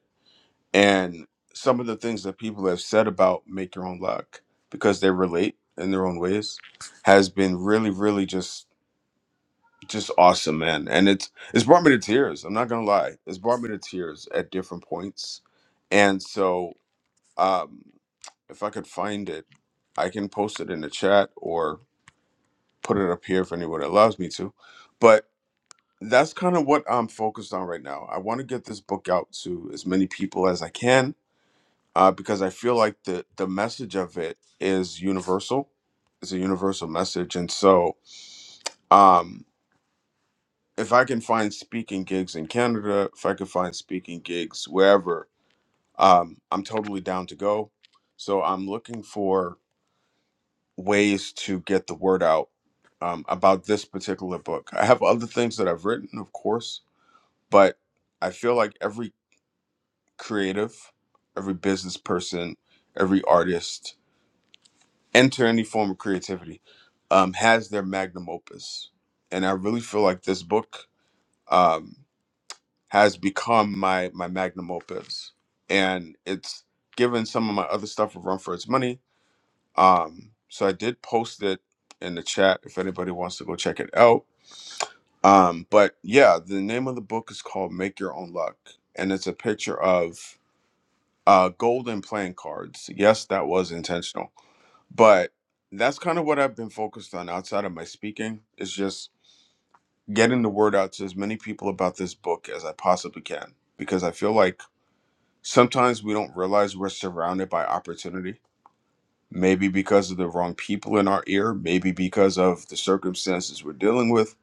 and some of the things that people have said about make your own luck because they relate in their own ways has been really really just just awesome, man. And it's it's brought me to tears. I'm not gonna lie. It's brought me to tears at different points. And so um if I could find it, I can post it in the chat or put it up here if anyone allows me to. But that's kind of what I'm focused on right now. I want to get this book out to as many people as I can uh, because I feel like the the message of it is universal. It's a universal message, and so um, if I can find speaking gigs in Canada, if I can find speaking gigs wherever, um, I'm totally down to go. So I'm looking for ways to get the word out um, about this particular book. I have other things that I've written, of course, but I feel like every creative, every business person, every artist, enter any form of creativity, um, has their magnum opus. And I really feel like this book. um, has become my my magnum opus and it's given some of my other stuff a run for its money um so i did post it in the chat if anybody wants to go check it out um but yeah the name of the book is called make your own luck and it's a picture of uh golden playing cards yes that was intentional but that's kind of what i've been focused on outside of my speaking is just getting the word out to as many people about this book as i possibly can because i feel like sometimes we don't realize we're surrounded by opportunity maybe because of the wrong people in our ear maybe because of the circumstances we're dealing with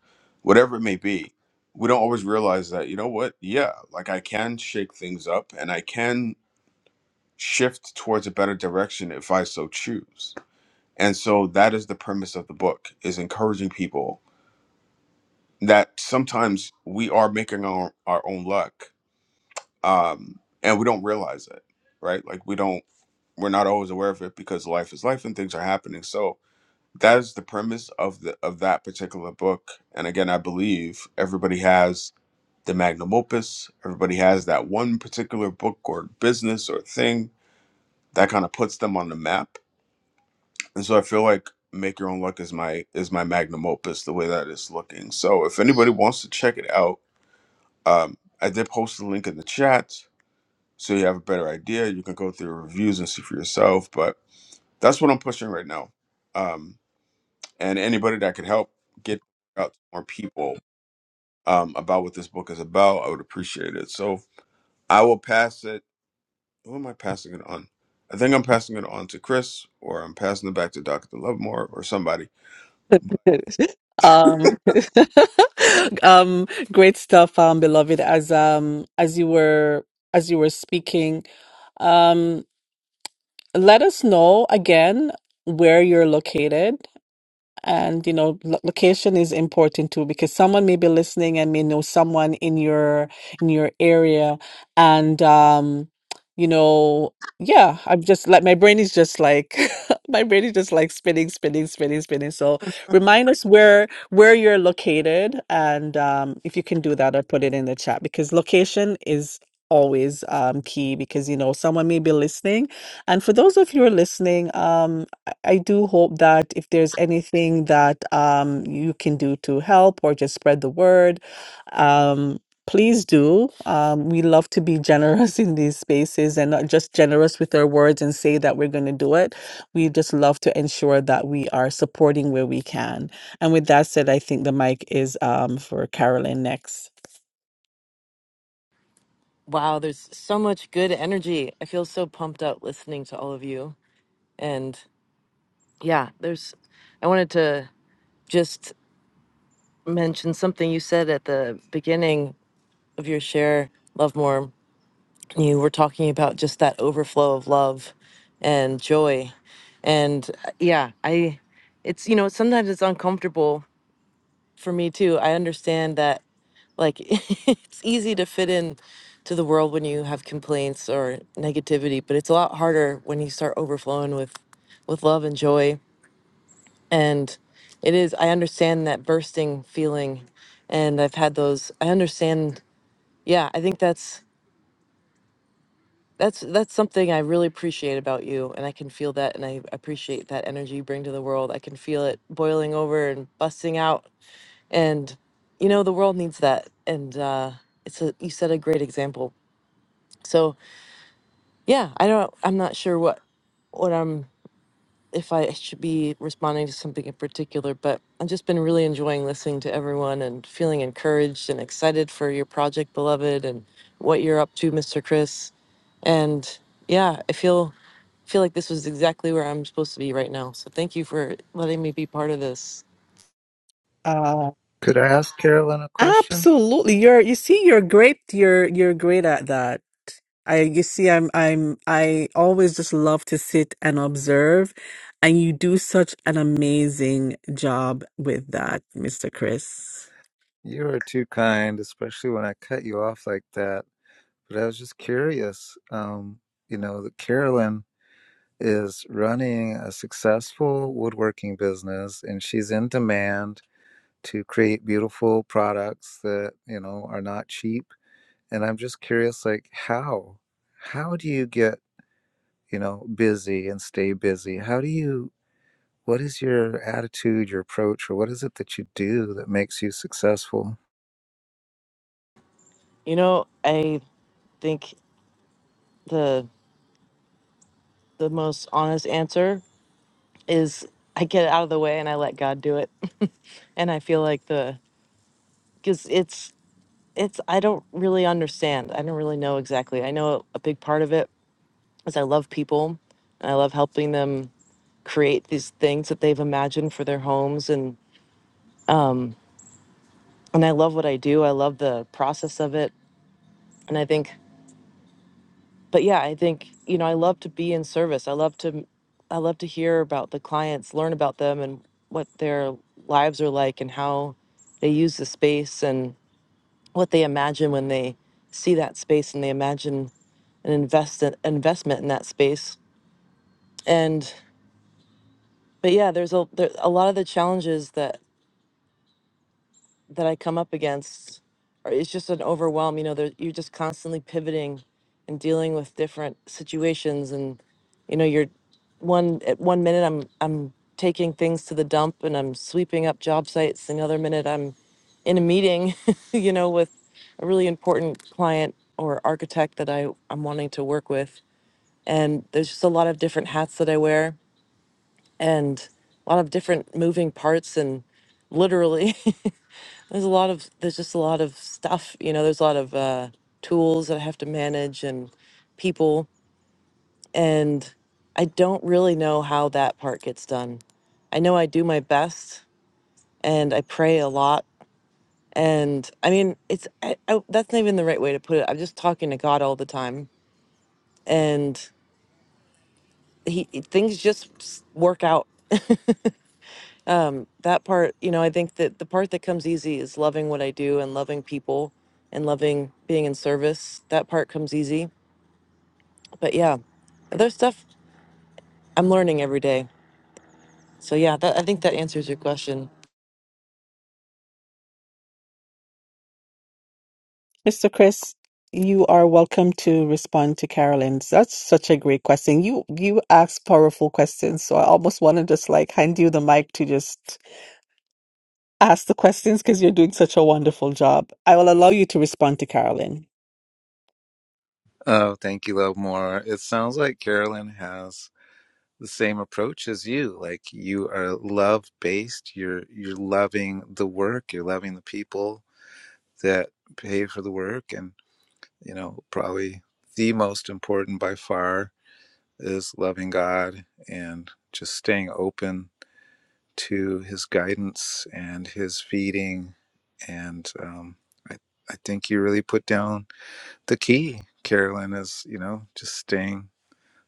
whatever it may be we don't always realize that you know what yeah like i can shake things up and i can shift towards a better direction if i so choose and so that is the premise of the book is encouraging people that sometimes we are making our, our own luck um, and we don't realize it right like we don't we're not always aware of it because life is life and things are happening. So that is the premise of the of that particular book. And again, I believe everybody has the magnum opus. Everybody has that one particular book or business or thing that kind of puts them on the map. And so I feel like Make Your Own Luck is my is my magnum opus the way that it's looking. So if anybody wants to check it out, um, I did post the link in the chat so you have a better idea. You can go through the reviews and see for yourself. But that's what I'm pushing right now. Um, and anybody that could help get out to more people um, about what this book is about, I would appreciate it. So I will pass it. Who am I passing it on? I think I'm passing it on to Chris, or I'm passing it back to Dr. Lovemore or somebody. um um great stuff, um beloved, as um as you were as you were speaking. Um let us know again where you're located. And you know, lo- location is important too because someone may be listening and may know someone in your in your area, and um, you know, yeah, I'm just like my brain is just like my brain is just like spinning, spinning, spinning, spinning. So remind us where where you're located, and um, if you can do that, or put it in the chat because location is always um key because you know someone may be listening and for those of you who are listening um, I do hope that if there's anything that um, you can do to help or just spread the word, um, please do. Um, we love to be generous in these spaces and not just generous with our words and say that we're going to do it. We just love to ensure that we are supporting where we can. And with that said, I think the mic is um, for Carolyn next. Wow, there's so much good energy. I feel so pumped up listening to all of you. And yeah, there's, I wanted to just mention something you said at the beginning of your share, Love More. You were talking about just that overflow of love and joy. And uh, yeah, I, it's, you know, sometimes it's uncomfortable for me too. I understand that Like it's easy to fit in to the world when you have complaints or negativity, but it's a lot harder when you start overflowing with with love and joy. And it is I understand that bursting feeling and I've had those I understand yeah, I think that's that's that's something I really appreciate about you and I can feel that and I appreciate that energy you bring to the world. I can feel it boiling over and busting out and you know the world needs that and uh it's a you set a great example. So Yeah, I don't. I'm not sure what what I'm if I should be responding to something in particular, but I've just been really enjoying listening to everyone and feeling encouraged and excited for your project, beloved, and what you're up to, Mr. Chris. And yeah, I feel feel like this was exactly where I'm supposed to be right now. So thank you for letting me be part of this. Uh, Could I ask Carolyn a question? absolutely, you're. You see, you're great. You're you're great at that. I you see I'm I'm I always just love to sit and observe and you do such an amazing job with that, Mr. Chris. You are too kind, especially when I cut you off like that. But I was just curious. Um, you know, that Carolyn is running a successful woodworking business and she's in demand to create beautiful products that, you know, are not cheap. And I'm just curious, like, how? How do you get, you know, busy and stay busy? How do you, what is your attitude, your approach, or what is it that you do that makes you successful? You know, I think the the most honest answer is I get it out of the way and I let God do it. And I feel like the because it's it's I don't really understand. I don't really know exactly. I know a big part of it is I love people and I love helping them create these things that they've imagined for their homes and and I love what I do. I love the process of it. And I think but yeah, I think you know, I love to be in service. I love to I love to hear about the clients, learn about them and what their lives are like and how they use the space and. what they imagine when they see that space and they imagine an invest investment in that space. And but yeah, there's a there, a lot of the challenges that that I come up against are it's just an overwhelm. You know, there, you're just constantly pivoting and dealing with different situations, and you know, you're one at one minute I'm I'm taking things to the dump and I'm sweeping up job sites. The other minute I'm in a meeting, you know, with a really important client or architect that I I'm wanting to work with, and there's just a lot of different hats that I wear and a lot of different moving parts and literally There's a lot of there's just a lot of stuff, you know. There's a lot of uh, tools that I have to manage and people, and I don't really know how that part gets done. I know I do my best, and I pray a lot. And I mean, it's I, I, that's not even the right way to put it. I'm just talking to God all the time, and he things just s- work out. That part, you know, I think that the part that comes easy is loving what I do and loving people and loving being in service. That part comes easy But yeah, there's stuff I'm learning every day. So yeah, that, I think that answers your question. Mr. Chris, you are welcome to respond to Carolyn. That's such a great question. You you ask powerful questions, so I almost want to just like hand you the mic to just ask the questions because you're doing such a wonderful job. I will allow you to respond to Carolyn. Oh, thank you, Love More. It sounds like Carolyn has the same approach as you like you are love based you're you're loving the work you're loving the people that pay for the work and you know probably the most important by far is loving god and just staying open to his guidance and his feeding and um, I, I think you really put down the key carolyn is you know just staying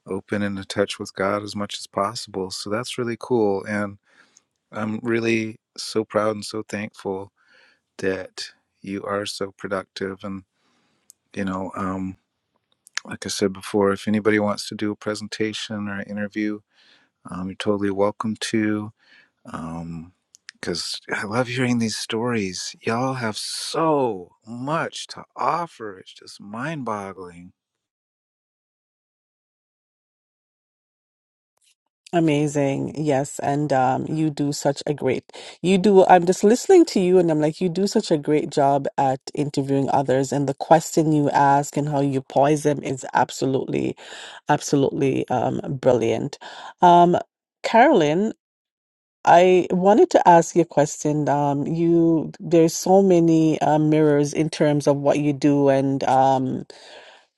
open and in touch with god as much as possible so that's really cool and I'm really so proud and so thankful that you are so productive. And, you know, um, like I said before, if anybody wants to do a presentation or an interview, um, you're totally welcome to. Um, because I love hearing these stories. Y'all have so much to offer. It's just mind boggling. Amazing. Yes. And um, you do such a great, you do, I'm just listening to you and I'm like, you do such a great job at interviewing others. And the question you ask and how you poise them is absolutely, absolutely um, brilliant. Um, Carolyn, I wanted to ask you a question. Um, you, there's so many uh, mirrors in terms of what you do and um,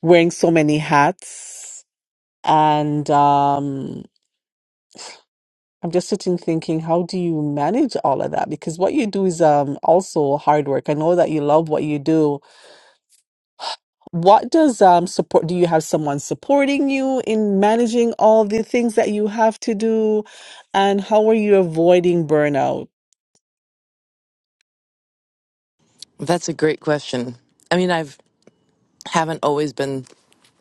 wearing so many hats. And, um. I'm just sitting thinking, how do you manage all of that? Because what you do is um also hard work. I know that you love what you do. What does um support, do you have someone supporting you in managing all the things that you have to do? And how are you avoiding burnout? That's a great question. I mean, I've haven't always been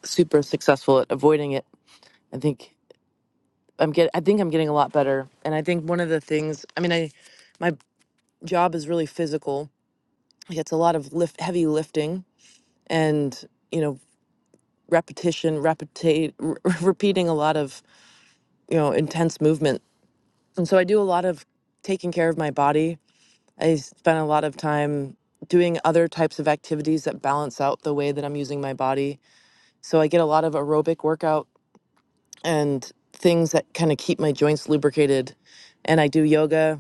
super successful at avoiding it. I think I'm get I think I'm getting a lot better. And I think one of the things, I mean, I my job is really physical. Like, It's a lot of lift, heavy lifting, and you know, repetition, repetate, r- repeating a lot of you know intense movement. And so I do a lot of taking care of my body I spend a lot of time doing other types of activities that balance out the way that I'm using my body. So I get a lot of aerobic workout and things that kind of keep my joints lubricated. And I do yoga.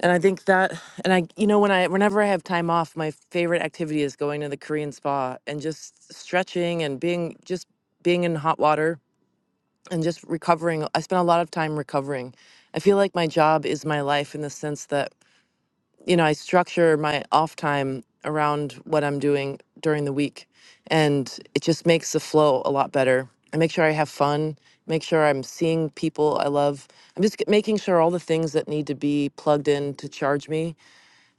And I think that, and I, you know, when I, whenever I have time off, my favorite activity is going to the Korean spa and just stretching and being, just being in hot water and just recovering. I spend a lot of time recovering. I feel like my job is my life in the sense that you know, I structure my off time around what I'm doing during the week. And it just makes the flow a lot better. I make sure I have fun, make sure I'm seeing people I love. I'm just g- making sure all the things that need to be plugged in to charge me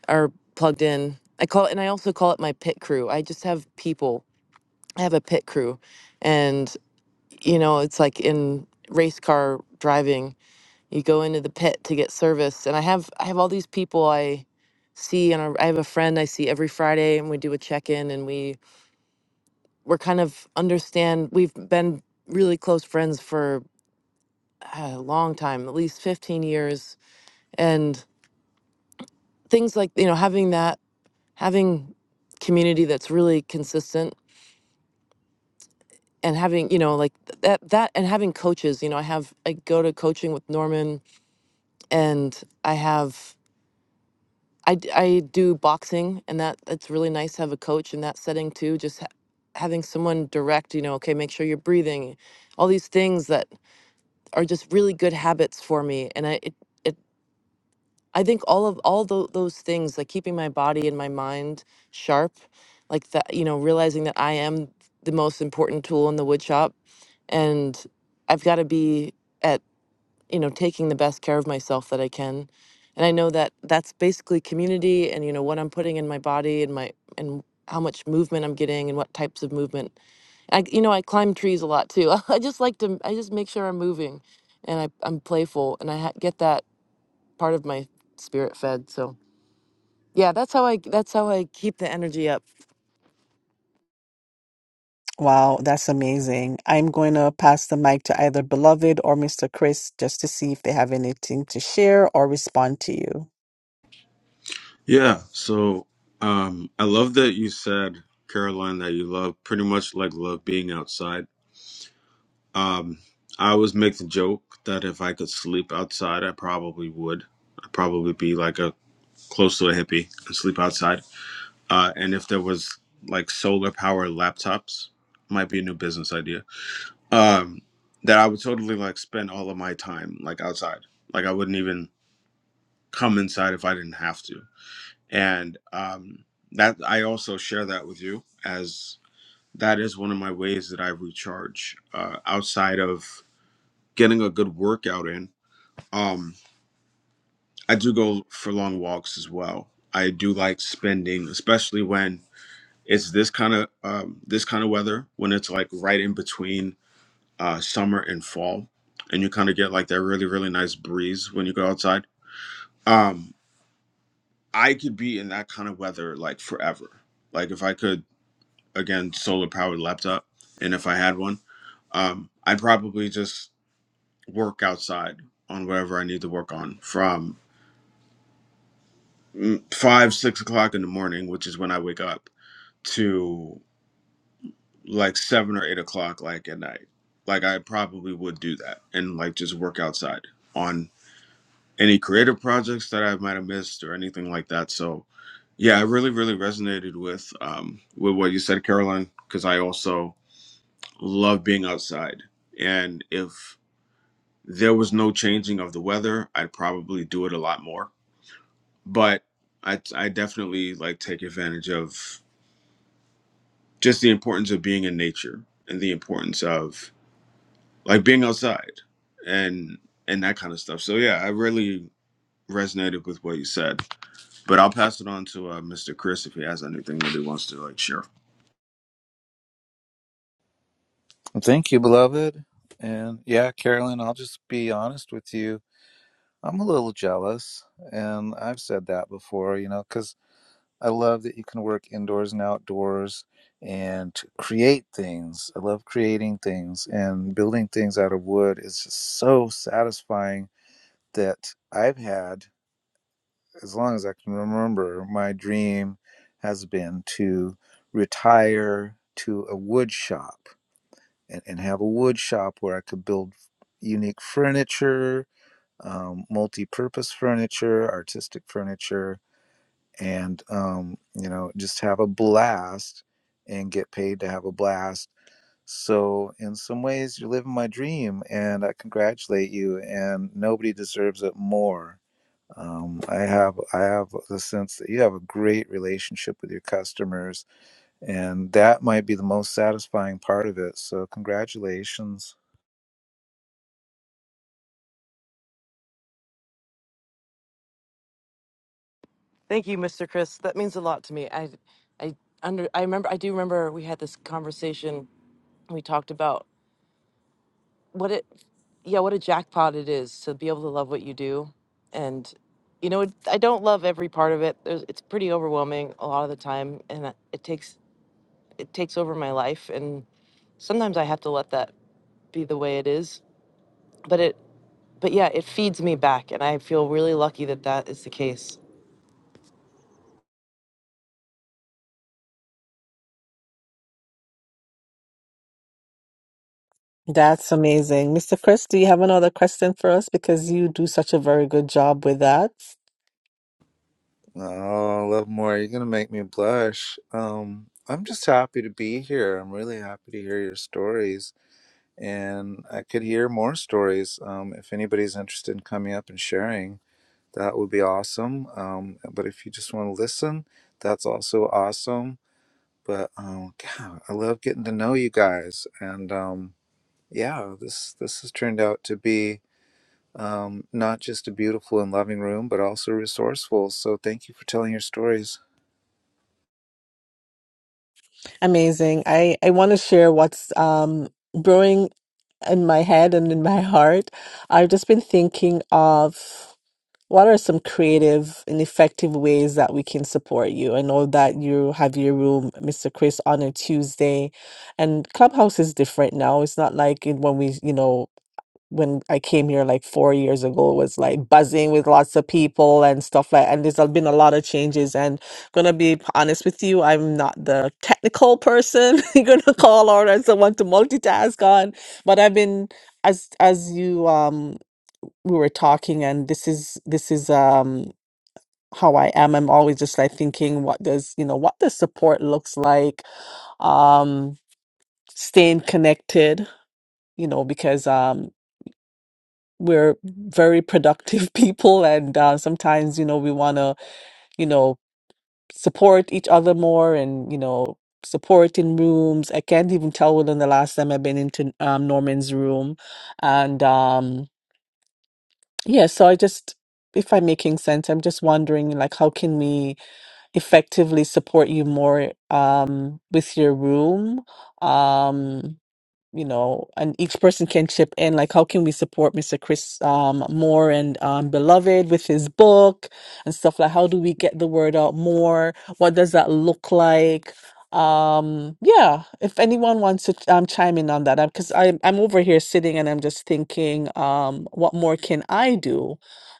are plugged in. I call it, and I also call it my pit crew. I just have people. I have a pit crew. And, you know, it's like in race car driving you go into the pit to get service and i have i have all these people i see and i I have a friend i see every friday and we do a check-in and we we're kind of understand we've been really close friends for uh, a long time at least 15 years and things like you know having that having community that's really consistent and having you know like th- that that and having coaches you know i have i go to coaching with norman and i have I, d- I do boxing, and that that's really nice to have a coach in that setting too. Just ha- having someone direct, you know, okay, make sure you're breathing, all these things that are just really good habits for me. And I it, it I think all of all tho- those things, like keeping my body and my mind sharp, like that, you know, realizing that I am the most important tool in the wood shop, and I've got to be at you know taking the best care of myself that i can and i know that that's basically community and you know what i'm putting in my body and my and how much movement i'm getting and what types of movement i you know i climb trees a lot too i just like to i just make sure i'm moving and I, i'm playful and i ha- get that part of my spirit fed so yeah that's how i that's how i keep the energy up Wow, that's amazing. I'm going to pass the mic to either Beloved or Mr. Chris just to see if they have anything to share or respond to you. Yeah. So um, I love that you said, Caroline, that you love pretty much like love being outside. Um, I always make the joke that if I could sleep outside, I probably would. I'd probably be like a close to a hippie and sleep outside. Uh, and if there was like solar power laptops, might be a new business idea. Um, that I would totally like spend all of my time like outside. Like I wouldn't even come inside if I didn't have to. And um, that I also share that with you as that is one of my ways that I recharge uh, outside of getting a good workout in. Um, I do go for long walks as well. I do like spending, especially when it's this kind of um, this kind of weather when it's like right in between uh, summer and fall, and you kind of get like that really really nice breeze when you go outside. Um, I could be in that kind of weather like forever. Like if I could again solar powered laptop, and if I had one, um, I'd probably just work outside on whatever I need to work on from mm, five six o'clock in the morning, which is when I wake up, to. like seven or eight o'clock, like at night. Like I probably would do that and like just work outside on any creative projects that I might have missed or anything like that. So yeah, I really, really resonated with um with what you said, Caroline, because I also love being outside. And if there was no changing of the weather, I'd probably do it a lot more. But I I definitely like take advantage of just the importance of being in nature and the importance of like being outside and and that kind of stuff. So yeah, I really resonated with what you said. But I'll pass it on to uh, Mr. Chris if he has anything that he wants to like share. Thank you, beloved. And yeah, Carolyn, I'll just be honest with you. I'm a little jealous. And I've said that before, you know, because I love that you can work indoors and outdoors and create things. I love creating things and building things out of wood is just so satisfying that I've had, as long as I can remember, my dream has been to retire to a wood shop and, and have a wood shop where I could build unique furniture, um, multi purpose furniture, artistic furniture, and um, you know just have a blast and get paid to have a blast so in some ways you're living my dream and i congratulate you and nobody deserves it more um, i have i have the sense that you have a great relationship with your customers and that might be the most satisfying part of it so congratulations thank you mr chris that means a lot to me i i under i remember i do remember we had this conversation we talked about what it yeah what a jackpot it is to be able to love what you do and you know it, i don't love every part of it There's, it's pretty overwhelming a lot of the time and I- it takes it takes over my life and sometimes i have to let that be the way it is but it but yeah it feeds me back and i feel really lucky that that is the case That's amazing. Mr. Chris, do you have another question for us? Because you do such a very good job with that. oh love more you're gonna make me blush um, i'm just happy to be here i'm really happy to hear your stories and I could hear more stories. Um, if anybody's interested in coming up and sharing, that would be awesome. Um, but if you just want to listen, that's also awesome. But um, God, I love getting to know you guys, and um, yeah, this this has turned out to be um, not just a beautiful and loving room, but also resourceful. So thank you for telling your stories. Amazing. I, I want to share what's um, brewing in my head and in my heart. I've just been thinking of what are some creative and effective ways that we can support you. I know that you have your room, Mr. Chris, on a Tuesday, and Clubhouse is different now. It's not like it- when we, you know, when I came here like four years ago was like buzzing with lots of people and stuff like and there's been a lot of changes and gonna be honest with you, I'm not the technical person you're gonna call or as someone to multitask on. But I've been as as you um we were talking and this is this is um how I am. I'm always just like thinking what does you know what the support looks like, um staying connected, you know, because um we're very productive people and uh, sometimes you know we want to you know support each other more and you know support in rooms i can't even tell when the last time i've been into um, norman's room and um yeah so i just if i'm making sense i'm just wondering like how can we effectively support you more um with your room um you know, and each person can chip in. Like, how can we support Mr. Chris um, Moore and um, Beloved with his book and stuff like? How do we get the word out more? What does that look like? Um, yeah, if anyone wants to um, chime in on that, because I'm I'm over here sitting and I'm just thinking, um, what more can I do?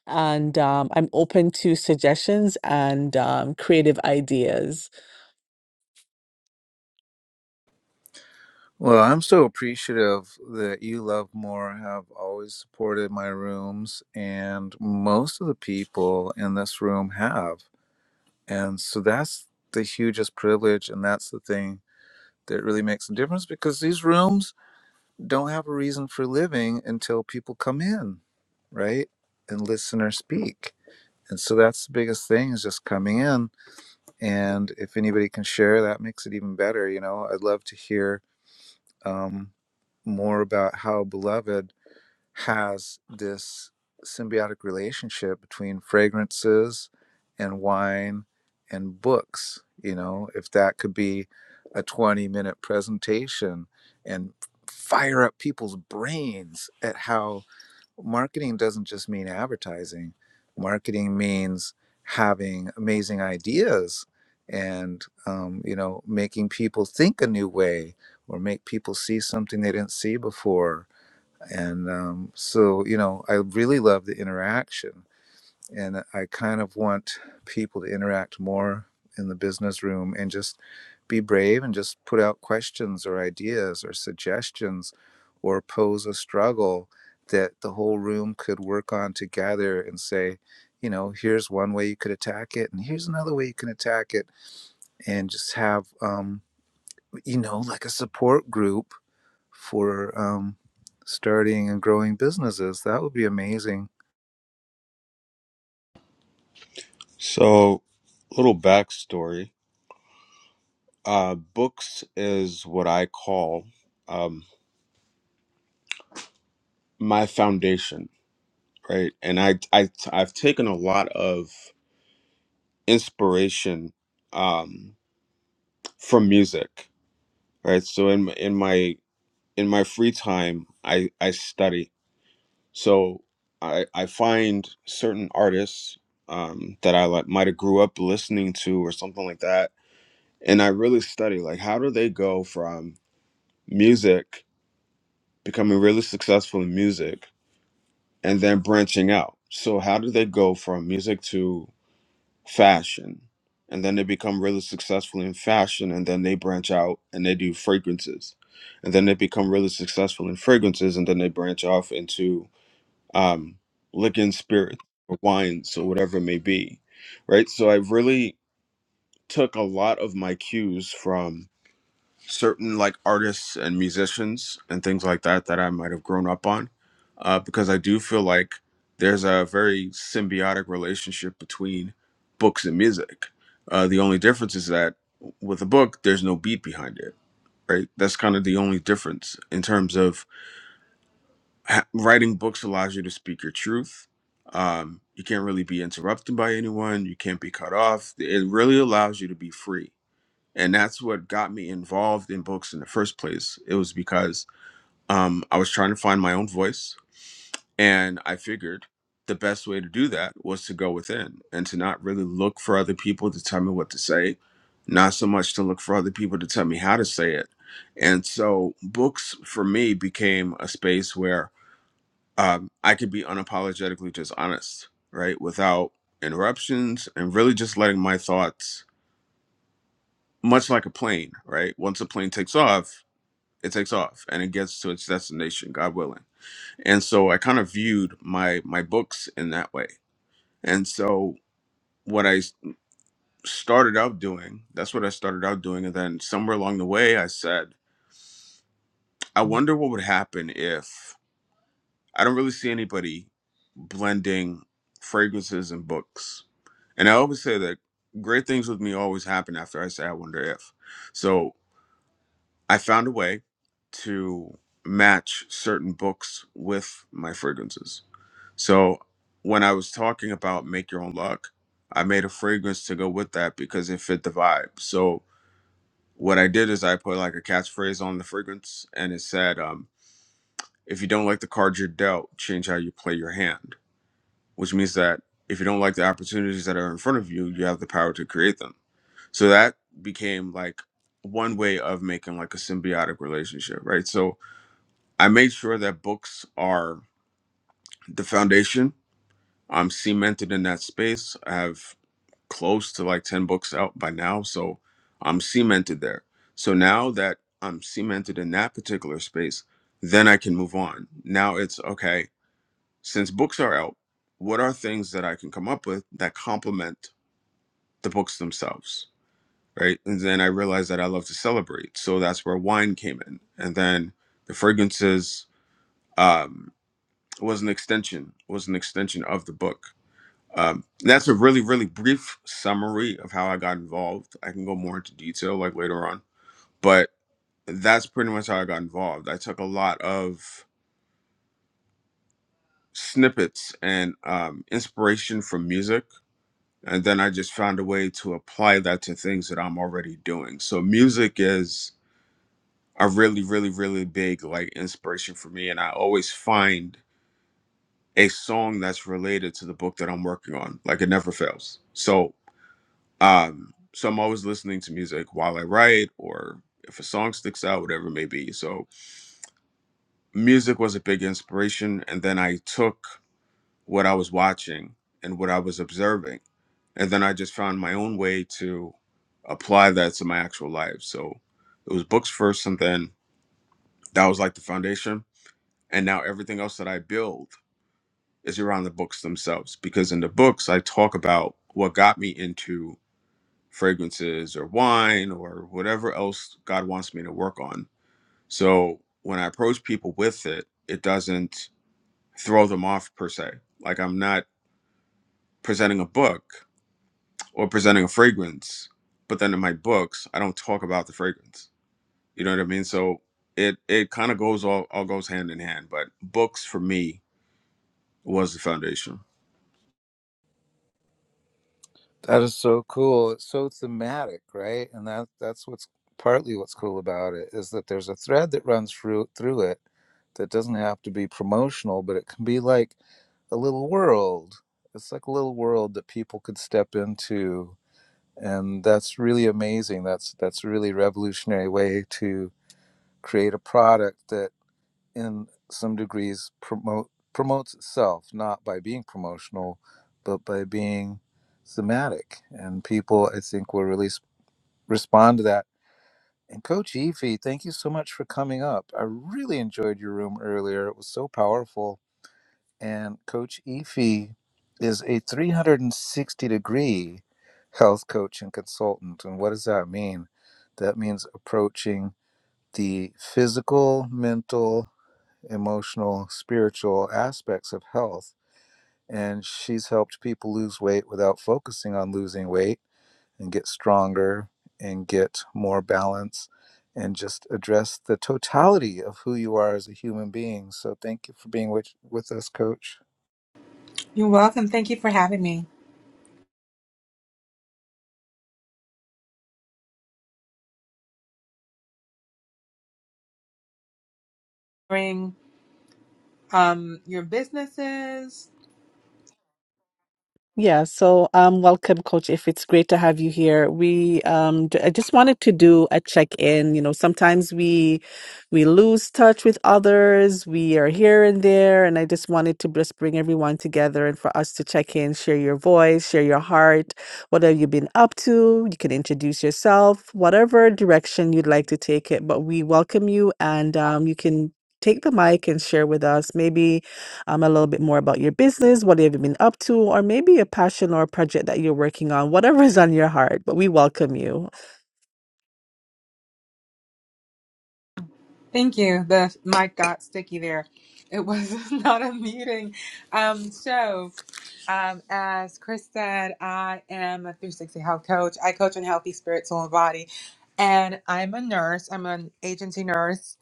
And um, I'm open to suggestions and um, creative ideas. Well, I'm so appreciative that you love more have always supported my rooms and most of the people in this room have. And so that's the hugest privilege and that's the thing that really makes a difference because these rooms don't have a reason for living until people come in, right? And listen or speak. And so that's the biggest thing is just coming in. And if anybody can share, that makes it even better. You know, I'd love to hear um, more about how Beloved has this symbiotic relationship between fragrances and wine and books. You know, if that could be a 20 minute presentation and fire up people's brains at how marketing doesn't just mean advertising. Marketing means having amazing ideas and um, you know making people think a new way or make people see something they didn't see before. And um, so you know, I really love the interaction and I kind of want people to interact more in the business room and just be brave and just put out questions or ideas or suggestions or pose a struggle that the whole room could work on together and say, you know, here's one way you could attack it, and here's another way you can attack it, and just have, um, you know, like a support group for um, starting and growing businesses. That would be amazing So, little backstory. Uh, books is what I call um, my foundation, right? And I, I, I've taken a lot of inspiration um, from music, right? So in in my in my free time, I I study So I I find certain artists um, that I like might have grew up listening to or something like that, and I really study like how do they go from music becoming really successful in music and then branching out. So how do they go from music to fashion? And then they become really successful in fashion, and then they branch out and they do fragrances, and then they become really successful in fragrances, and then they branch off into um, liquor spirits or wines or whatever it may be, right? So I really took a lot of my cues from certain like artists and musicians and things like that that I might have grown up on, uh, because I do feel like there's a very symbiotic relationship between books and music. Uh, the only difference is that with a book, there's no beat behind it, right? That's kind of the only difference in terms of ha- writing books allows you to speak your truth. Um, you can't really be interrupted by anyone. You can't be cut off. It really allows you to be free. And that's what got me involved in books in the first place. It was because um, I was trying to find my own voice. And I figured the best way to do that was to go within and to not really look for other people to tell me what to say, not so much to look for other people to tell me how to say it. And so books for me became a space where um, I could be unapologetically just honest, right? Without interruptions and really just letting my thoughts, much like a plane, right? Once a plane takes off, it takes off and it gets to its destination, God willing. And so I kind of viewed my my books in that way. And so what I s- started out doing, that's what I started out doing. And then somewhere along the way, I said, I wonder what would happen if. I don't really see anybody blending fragrances and books. And I always say that great things with me always happen after I say I wonder if. So I found a way to match certain books with my fragrances. So when I was talking about make your own luck, I made a fragrance to go with that because it fit the vibe. So what I did is I put like a catchphrase on the fragrance and it said, um, if you don't like the cards you're dealt, change how you play your hand which means that if you don't like the opportunities that are in front of you, you have the power to create them. So that became like one way of making like a symbiotic relationship, right? So I made sure that books are the foundation. I'm cemented in that space. I have close to like 10 books out by now. So I'm cemented there. So now that I'm cemented in that particular space, then I can move on. Now it's okay, since books are out, what are things that I can come up with that complement the books themselves, right? And then I realized that I love to celebrate, so that's where wine came in, and then the fragrances um, was an extension was an extension of the book. Um, that's a really really brief summary of how I got involved. I can go more into detail like later on, but that's pretty much how I got involved. I took a lot of snippets and um, inspiration from music. And then I just found a way to apply that to things that I'm already doing. So music is are really, really, really big like inspiration for me. And I always find a song that's related to the book that I'm working on. Like it never fails. So um so I'm always listening to music while I write or if a song sticks out, whatever it may be. So music was a big inspiration. And then I took what I was watching and what I was observing. And then I just found my own way to apply that to my actual life. So it was books first and then that was like the foundation and now everything else that I build is around the books themselves because in the books I talk about what got me into fragrances or wine or whatever else God wants me to work on. So when I approach people with it, it doesn't throw them off per se. Like I'm not presenting a book or presenting a fragrance, but then in my books I don't talk about the fragrance. You know what I mean? So it it kind of goes all all goes hand in hand, but books for me was the foundation. That is so cool. It's so thematic, right? And that that's what's partly what's cool about it is that there's a thread that runs through through it that doesn't have to be promotional, but it can be like a little world. It's like a little world that people could step into, and that's really amazing. That's that's a really revolutionary way to create a product that in some degrees promote promotes itself not by being promotional but by being thematic and people i think will really respond to that and coach Efi, thank you so much for coming up i really enjoyed your room earlier it was so powerful and coach Efi is a 360 degree health coach and consultant and what does that mean that means approaching the physical mental emotional, spiritual aspects of health. And she's helped people lose weight without focusing on losing weight and get stronger and get more balance and just address the totality of who you are as a human being. So thank you for being with, with us, coach. You're welcome. Thank you for having me. Bring um your businesses. Yeah, so um, welcome, Coach. If it's great to have you here, we um, j- I just wanted to do a check-in. You know, sometimes we we lose touch with others. We are here and there, and I just wanted to just bring everyone together and for us to check in, share your voice, share your heart. What have you been up to? You can introduce yourself, whatever direction you'd like to take it. But we welcome you, and um, you can take the mic and share with us. Maybe um, a little bit more about your business, what have you been up to, or maybe a passion or a project that you're working on, whatever is on your heart, but we welcome you. Thank you. The mic got sticky there. It was not a meeting. Um, so um, as Chris said, I am a 360 health coach. I coach on healthy spirit, soul, and body. And I'm a nurse. I'm an agency nurse.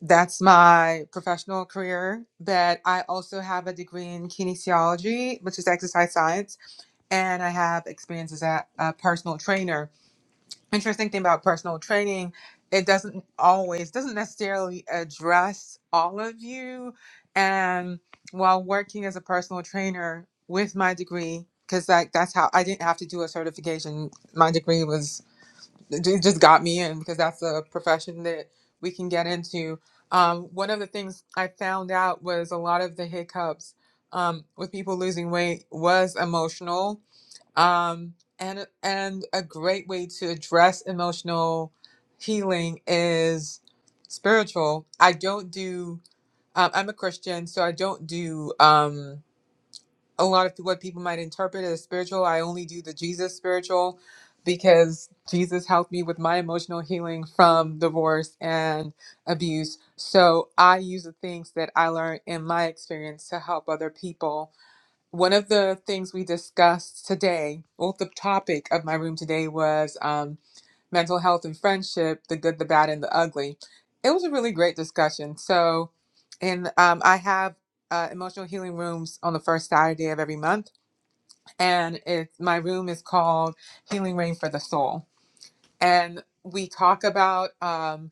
That's my professional career. But I also have a degree in kinesiology, which is exercise science. And I have experience as a, a personal trainer interesting thing about personal training it doesn't always doesn't necessarily address all of you and while working as a personal trainer with my degree because like that's how i didn't have to do a certification my degree was it just got me in because that's a profession that we can get into um, one of the things i found out was a lot of the hiccups um, with people losing weight was emotional um, and and a great way to address emotional healing is spiritual. I don't do. Um, I'm a Christian, so I don't do um, a lot of what people might interpret as spiritual. I only do the Jesus spiritual because Jesus helped me with my emotional healing from divorce and abuse. So I use the things that I learned in my experience to help other people one of the things we discussed today, or the topic of my room today was um, mental health and friendship, the good, the bad, and the ugly. It was a really great discussion. So, and um, I have uh, emotional healing rooms on the first Saturday of every month, and it's my room is called Healing Rain for the Soul and we talk about um,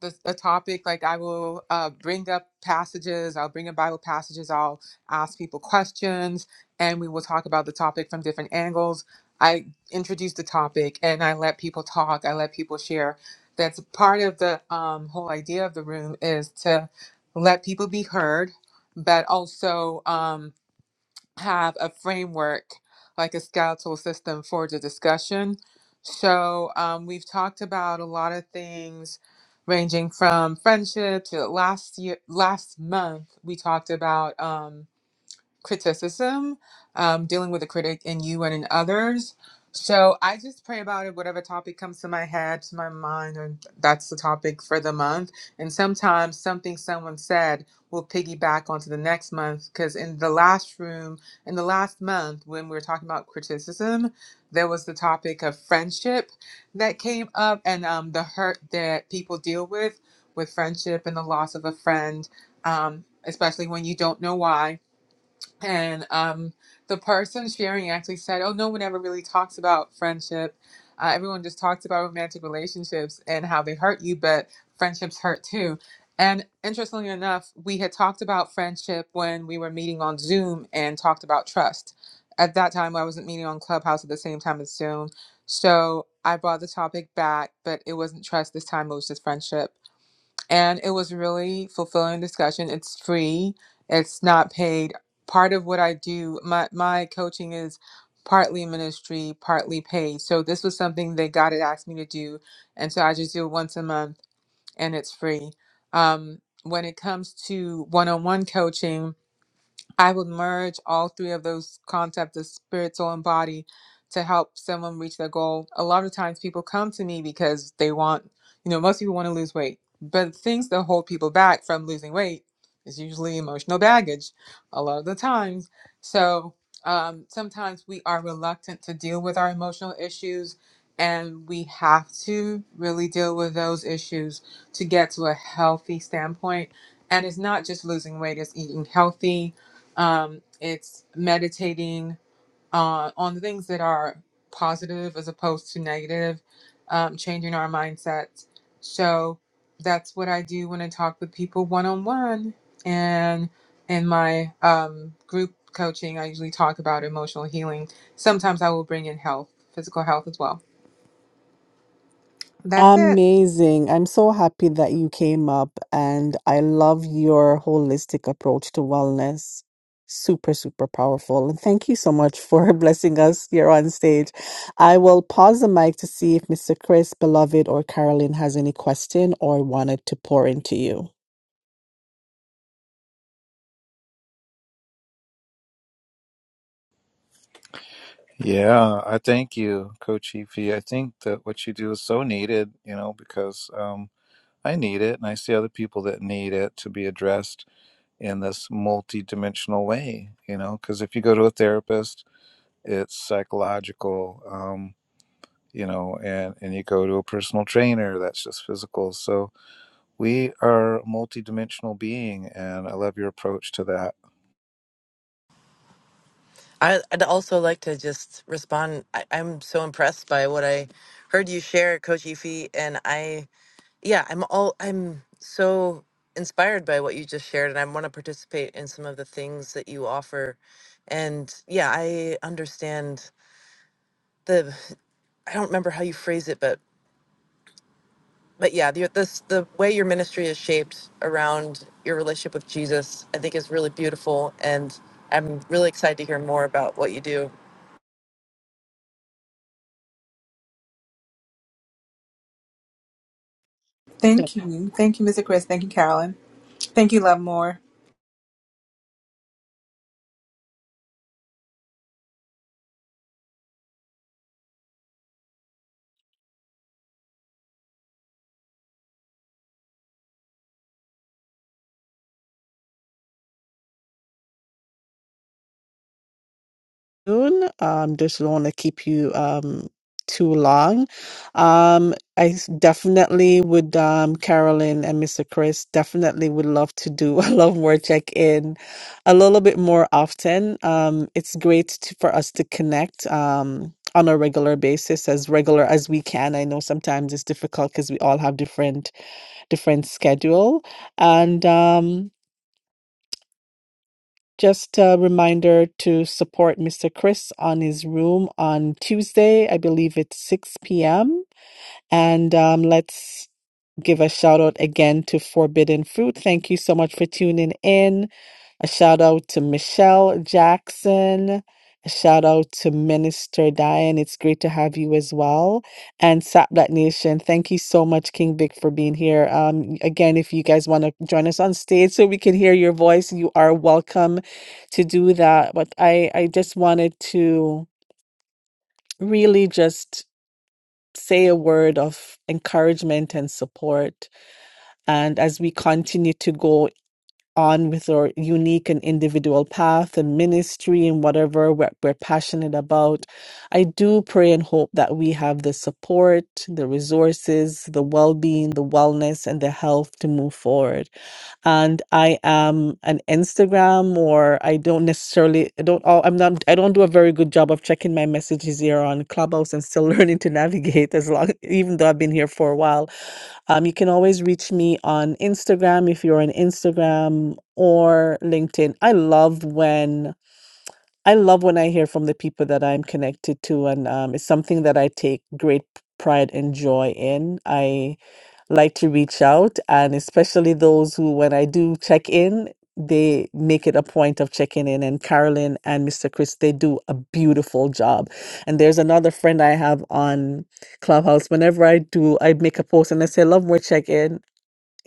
the, the topic like i will uh, bring up passages i'll bring up bible passages i'll ask people questions and we will talk about the topic from different angles i introduce the topic and i let people talk i let people share that's part of the um, whole idea of the room is to let people be heard but also um, have a framework, like a skeletal system for the discussion. So um, we've talked about a lot of things, ranging from friendship to last year, last month we talked about. um, criticism, um, dealing with a critic in you and in others. So I just pray about it, whatever topic comes to my head, to my mind, and that's the topic for the month. And sometimes something someone said will piggyback onto the next month because in the last room, in the last month, when we were talking about criticism, there was the topic of friendship that came up and um, the hurt that people deal with with friendship and the loss of a friend, um, especially when you don't know why and um, the person sharing actually said, "Oh, no one ever really talks about friendship. Uh, everyone just talks about romantic relationships and how they hurt you, but friendships hurt too." And interestingly enough, we had talked about friendship when we were meeting on Zoom and talked about trust. At that time, I wasn't meeting on Clubhouse at the same time as Zoom, so I brought the topic back, but it wasn't trust this time; it was just friendship and it was really fulfilling discussion it's free it's not paid part of what i do my my coaching is partly ministry partly paid so this was something that god had asked me to do and so i just do it once a month and it's free um, when it comes to one-on-one coaching I would merge all three of those concepts of spirit, soul, and body to help someone reach their goal. A lot of times people come to me because they want, you know, most people want to lose weight, but things that hold people back from losing weight is usually emotional baggage a lot of the times. So um, sometimes we are reluctant to deal with our emotional issues, and we have to really deal with those issues to get to a healthy standpoint. And it's not just losing weight, it's eating healthy um, it's meditating uh, on the things that are positive as opposed to negative, um, changing our mindsets. So that's what I do when I talk with people one on one. And in my um, group coaching, I usually talk about emotional healing. Sometimes I will bring in health, physical health as well. That's it. Amazing. I'm so happy that you came up and I love your holistic approach to wellness. Super, super powerful. And thank you so much for blessing us here on stage. I will pause the mic to see if Mr. Chris, beloved, or Carolyn has any question or wanted to pour into you. Yeah, I thank you, Coach Efi. I think that what you do is so needed, you know, because um, I need it and I see other people that need it to be addressed in this multi-dimensional way you know because if you go to a therapist it's psychological um you know and and you go to a personal trainer that's just physical so we are a multi-dimensional being and i love your approach to that I, I'd also like to just respond. I, I'm so impressed by what I heard you share, Coach Efi, and I. Yeah, I'm all I'm so inspired by what you just shared and I want to participate in some of the things that you offer. And yeah, I understand the I don't remember how you phrase it, but but yeah, the this the way your ministry is shaped around your relationship with Jesus, I think is really beautiful and I'm really excited to hear more about what you do. Yeah. Thank you. Thank you, Mr. Chris. Thank you, Carolyn. Thank you, Love More. soon. Um, just don't want to keep you um too long. Um, I s- definitely would um Carolyn and Mr. Chris definitely would love to do a love word check in a little bit more often. Um, it's great to, for us to connect um on a regular basis as regular as we can. I know sometimes it's difficult because we all have different different schedule and um just a reminder to support Mr. Chris on his room on Tuesday. I believe it's 6 p.m. And um, let's give a shout out again to Forbidden Fruit. Thank you so much for tuning in. A shout out to Michelle Jackson. A shout out to Minister Diane. It's great to have you as well. And Sap Black Nation, thank you so much, King Vic, for being here. Um, again, if you guys want to join us on stage so we can hear your voice, you are welcome to do that. But I, I just wanted to really just say a word of encouragement and support and as we continue to go on with our unique and individual path and ministry and whatever we're, we're passionate about, I do pray and hope that we have the support, the resources, the well being, the wellness, and the health to move forward. And I am an Instagram, or I don't necessarily, I don't, all, I'm not, I don't do a very good job of checking my messages here on Clubhouse and still learning to navigate as long, even though I've been here for a while um, you can always reach me on Instagram if you're on Instagram or LinkedIn. I love when I love when I hear from the people that I'm connected to, and um, it's something that I take great pride and joy in. I like to reach out, and especially those who, when I do check in, they make it a point of checking in. And Carolyn and Mr. Chris, they do a beautiful job. And there's another friend I have on Clubhouse. Whenever I do, I make a post and I say, "Love more check in."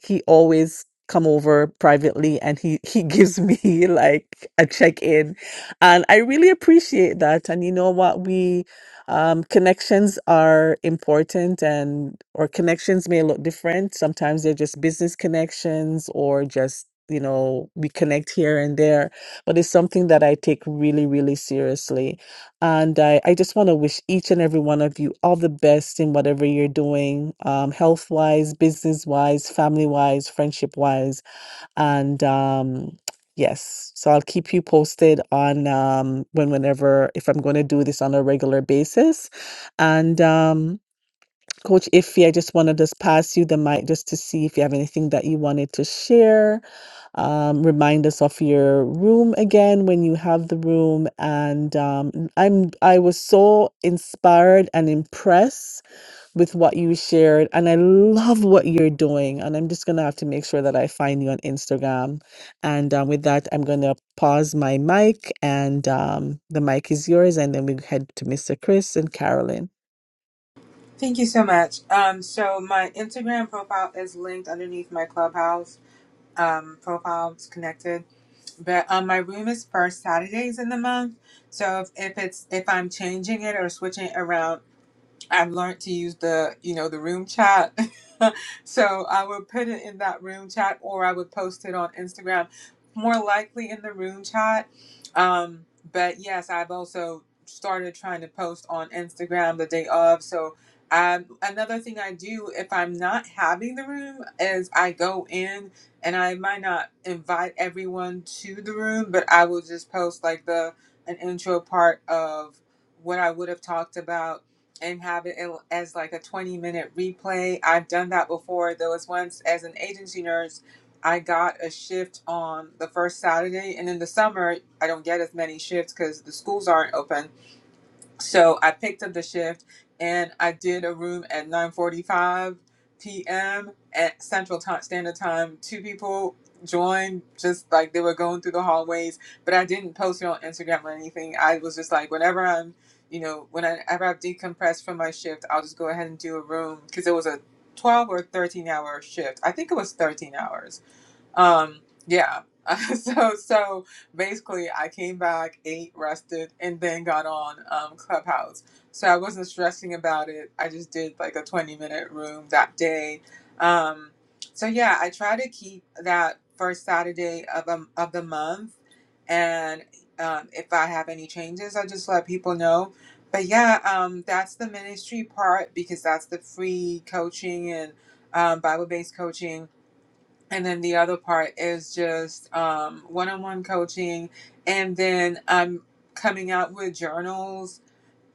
he always come over privately and he he gives me like a check-in and i really appreciate that and you know what we um connections are important and or connections may look different sometimes they're just business connections or just you know we connect here and there but it's something that i take really really seriously and I, I just want to wish each and every one of you all the best in whatever you're doing, um, health wise, business wise, family wise, friendship wise. And um, yes, so I'll keep you posted on um, when, whenever, if I'm going to do this on a regular basis. And um, Coach Iffy, I just want to just pass you the mic just to see if you have anything that you wanted to share um, remind us of your room again when you have the room. And um, n- I'm I was so inspired and impressed with what you shared, and I love what you're doing. And I'm just gonna have to make sure that I find you on Instagram. And um, with that, I'm gonna pause my mic, and um, the mic is yours. And then we head to Mr. Chris and Carolyn. Thank you so much. Um, so my Instagram profile is linked underneath my Clubhouse um, profile. It's connected, but um, my room is first Saturdays in the month. So if, if it's if I'm changing it or switching it around I've learned to use the, you know, the room chat. so I would put it in that room chat or I would post it on Instagram, more likely in the room chat. Um, but yes, I've also started trying to post on Instagram the day of. So um, another thing I do if I'm not having the room is I go in and I might not invite everyone to the room, but I will just post like the an intro part of what I would have talked about and have it as like a 20 minute replay. I've done that before. There was once as an agency nurse, I got a shift on the first Saturday, and in the summer, I don't get as many shifts because the schools aren't open so I picked up the shift and I did a room at 9:45 p.m. at Central Time Standard Time. Two people joined just like they were going through the hallways, but I didn't post it on Instagram or anything. I was just like whenever I'm, you know, whenever I've decompressed from my shift, I'll just go ahead and do a room because it was a 12 or 13 hour shift. I think it was 13 hours um, yeah. so so basically, I came back, ate, rested, and then got on um, Clubhouse. So I wasn't stressing about it. I just did like a twenty minute room that day. Um, so yeah, I try to keep that first Saturday of um, of the month, and um, if I have any changes, I just let people know. But yeah, um, that's the ministry part because that's the free coaching and um, Bible based coaching and then the other part is just um, one-on-one coaching. And then I'm coming out with journals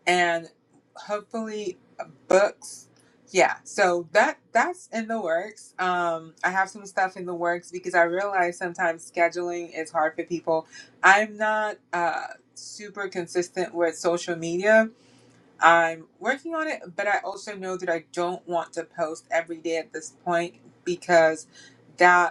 and hopefully uh, books. Yeah, so that that's in the works. Um, I have some stuff in the works because I realize sometimes scheduling is hard for people. I'm not uh, super consistent with social media. I'm working on it, but I also know that I don't want to post every day at this point because that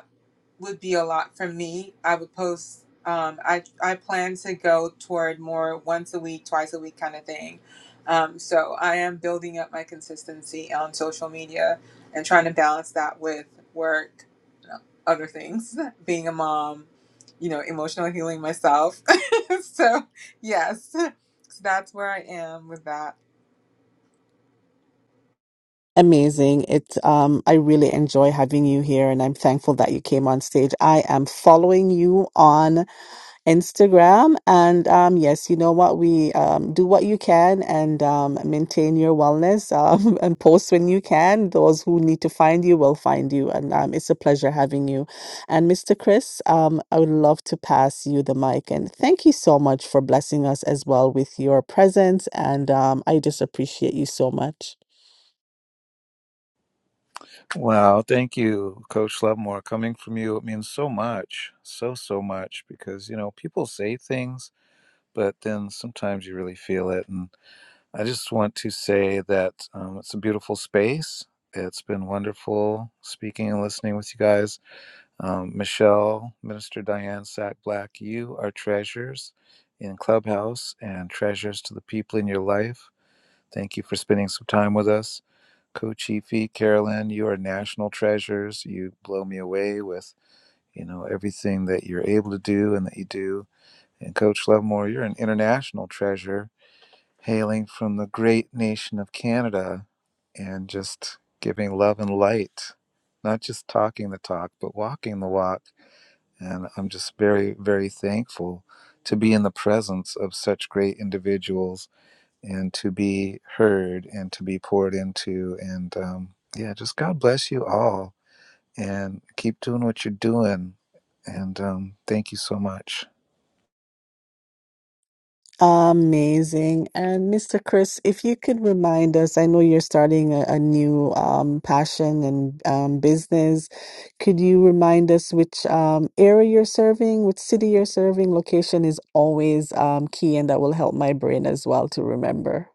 would be a lot for me. I would post. Um, I I plan to go toward more once a week, twice a week kind of thing. Um, so I am building up my consistency on social media and trying to balance that with work, you know, other things, being a mom, you know, emotional healing myself. so yes, so that's where I am with that. Amazing. It um I really enjoy having you here and I'm thankful that you came on stage. I am following you on Instagram. And um, yes, you know what? We um, do what you can and um, maintain your wellness um, and post when you can. Those who need to find you will find you. And um, it's a pleasure having you. And Mr. Chris, um, I would love to pass you the mic. And thank you so much for blessing us as well with your presence. And um, I just appreciate you so much. wow thank you coach lovemore coming from you it means so much so so much because you know people say things but then sometimes you really feel it and I just want to say that um, it's a beautiful space. It's been wonderful speaking and listening with you guys. Um, Michelle, Minister Diane Sack Black, you are treasures in Clubhouse and treasures to the people in your life. Thank you for spending some time with us. Coach Efi, Carolyn, you are national treasures. You blow me away with, you know, everything that you're able to do and that you do. And Coach Lovemore, you're an international treasure hailing from the great nation of Canada and just giving love and light, not just talking the talk, but walking the walk. And I'm just very, very thankful to be in the presence of such great individuals and to be heard and to be poured into. And um, yeah, just God bless you all and keep doing what you're doing. And um, thank you so much. Amazing. And Mr. Chris, if you could remind us, I know you're starting a, a new um, passion and um, business. Could you remind us which um, area you're serving, which city you're serving? Location is always um, key, and that will help my brain as well to remember.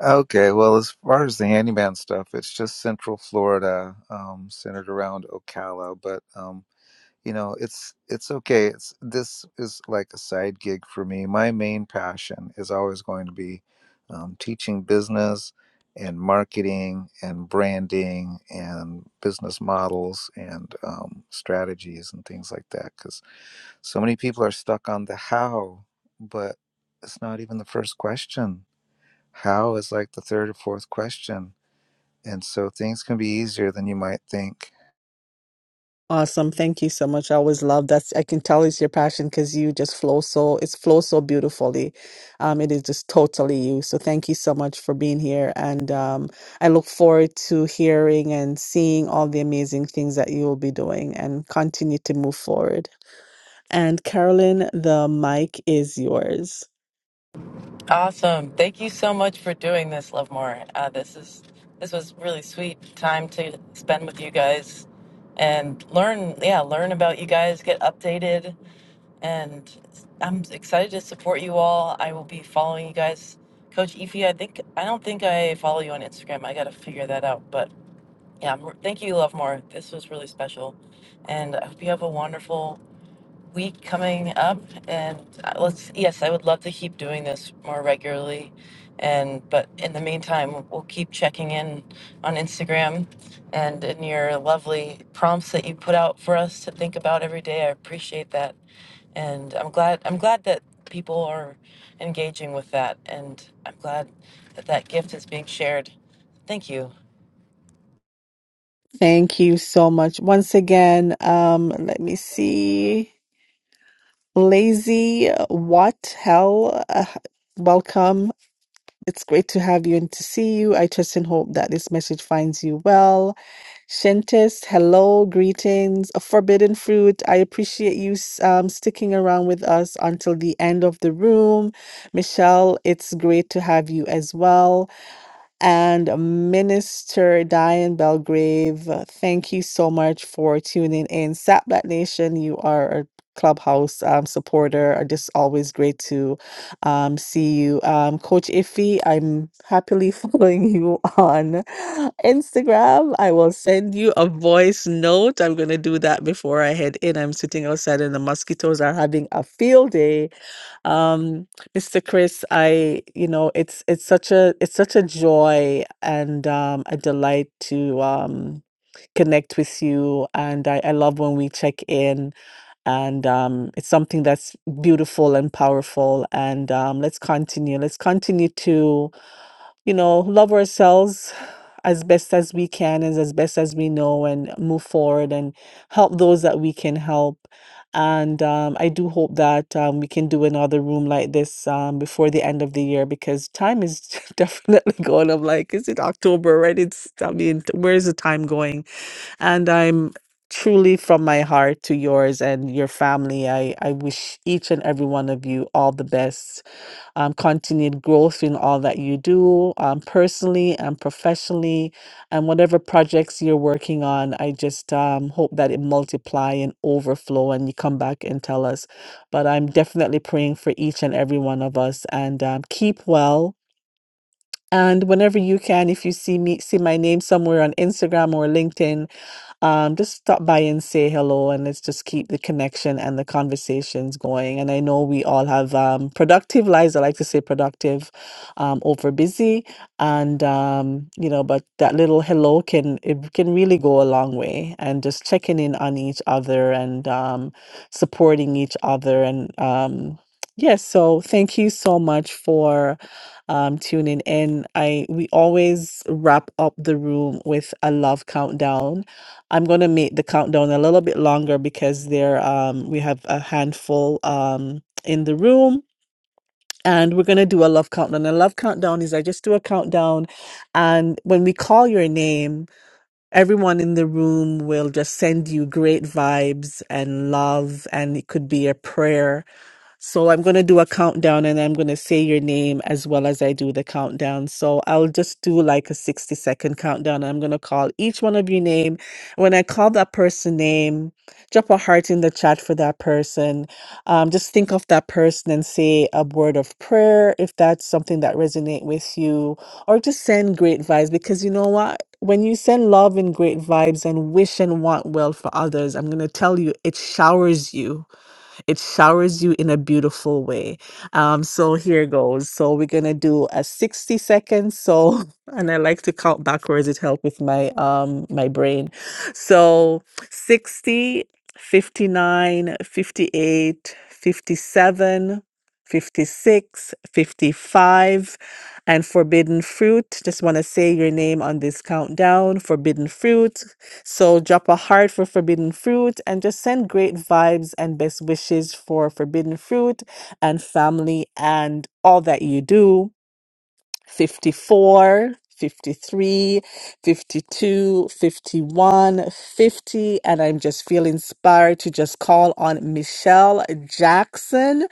Okay, well, as far as the handyman stuff, it's just Central Florida, um, centered around Ocala. But um, you know, it's it's okay. It's this is like a side gig for me. My main passion is always going to be um, teaching business and marketing and branding and business models and um, strategies and things like that. Because so many people are stuck on the how, but it's not even the first question how is like the third or fourth question. And so things can be easier than you might think. Awesome. Thank you so much. I always love that. I can tell it's your passion because you just flow so, it's flow so beautifully. Um, it is just totally you. So thank you so much for being here. And um, I look forward to hearing and seeing all the amazing things that you will be doing and continue to move forward. And Carolyn, the mic is yours. Awesome. Thank you so much for doing this, Love More. Uh, this is this was really sweet time to spend with you guys and learn, yeah, learn about you guys, get updated, and I'm excited to support you all. I will be following you guys. Coach Efi, I think I don't think I follow you on Instagram. I got to figure that out, but yeah, I'm- thank you, Love More. This was really special, and I hope you have a wonderful week coming up and uh, let's yes i would love to keep doing this more regularly and but in the meantime we'll keep checking in on instagram and in your lovely prompts that you put out for us to think about every day i appreciate that and i'm glad i'm glad that people are engaging with that and i'm glad that that gift is being shared thank you Thank you so much. Once again, um, let me see. Lazy, what hell? Uh, welcome. It's great to have you and to see you. I trust and hope that this message finds you well. Shentis, hello, greetings. A forbidden fruit. I appreciate you s- um, sticking around with us until the end of the room. Michelle, it's great to have you as well. And Minister Diane Belgrave, uh, thank you so much for tuning in. Sat Black Nation, you are a clubhouse um, supporter. Uh, Just always great to um, see you. Um, Coach Iffy, I'm happily following you on Instagram. I will send you a voice note. I'm going to do that before I head in. I'm sitting outside and the mosquitoes are having a field day um, Mr. Chris, I, you know, it's it's such a it's such a joy and um, a delight to um, connect with you. And I, I love when we check in, and um, it's something that's beautiful and powerful. And um, let's continue. Let's continue to you know, love ourselves as best as we can and as best as we know and move forward and help those that we can help. And um, I do hope that um, we can do another room like this um, before the end of the year because time is definitely going. I'm like, is it October already? It's, I mean, where is the time going? And I'm truly from my heart to yours and your family. I, I wish each and every one of you all the best um, continued growth in all that you do um, personally and professionally and whatever projects you're working on i just um, hope that it multiply and overflow and you come back and tell us but i'm definitely praying for each and every one of us and um, keep well and whenever you can if you see me see my name somewhere on instagram or linkedin um, just stop by and say hello, and let's just keep the connection and the conversations going. And I know we all have um, productive lives. I like to say productive um, over busy, and um, you know, but that little hello can it can really go a long way. And just checking in on each other and um, supporting each other, and um, yes. so thank you so much for um, tuning in. I we always wrap up the room with a love countdown I'm going to make the countdown a little bit longer because there um we have a handful um in the room and we're going to do a love countdown. A love countdown is I just do a countdown and when we call your name, everyone in the room will just send you great vibes and love and it could be a prayer so I'm going to do a countdown and I'm going to say your name as well as I do the countdown. So I'll just do like a 60 second countdown. I'm going to call each one of your name. When I call that person name, drop a heart in the chat for that person. Um, just think of that person and say a word of prayer if that's something that resonate with you or just send great vibes because you know what? When you send love and great vibes and wish and want well for others, I'm going to tell you, it showers you it showers you in a beautiful way. Um, so here goes. So we're gonna do a 60 seconds. So and I like to count backwards, it helps with my um my brain. So 60, 59, 58, 57, 56, 55, and forbidden fruit. Just want to say your name on this countdown. Forbidden fruit, so drop a heart for Forbidden Fruit and just send great vibes and best wishes for Forbidden Fruit and family and all that you do. 54, 53, 52, 51, 50, And I'm just feeling inspired to just call on Michelle Jackson.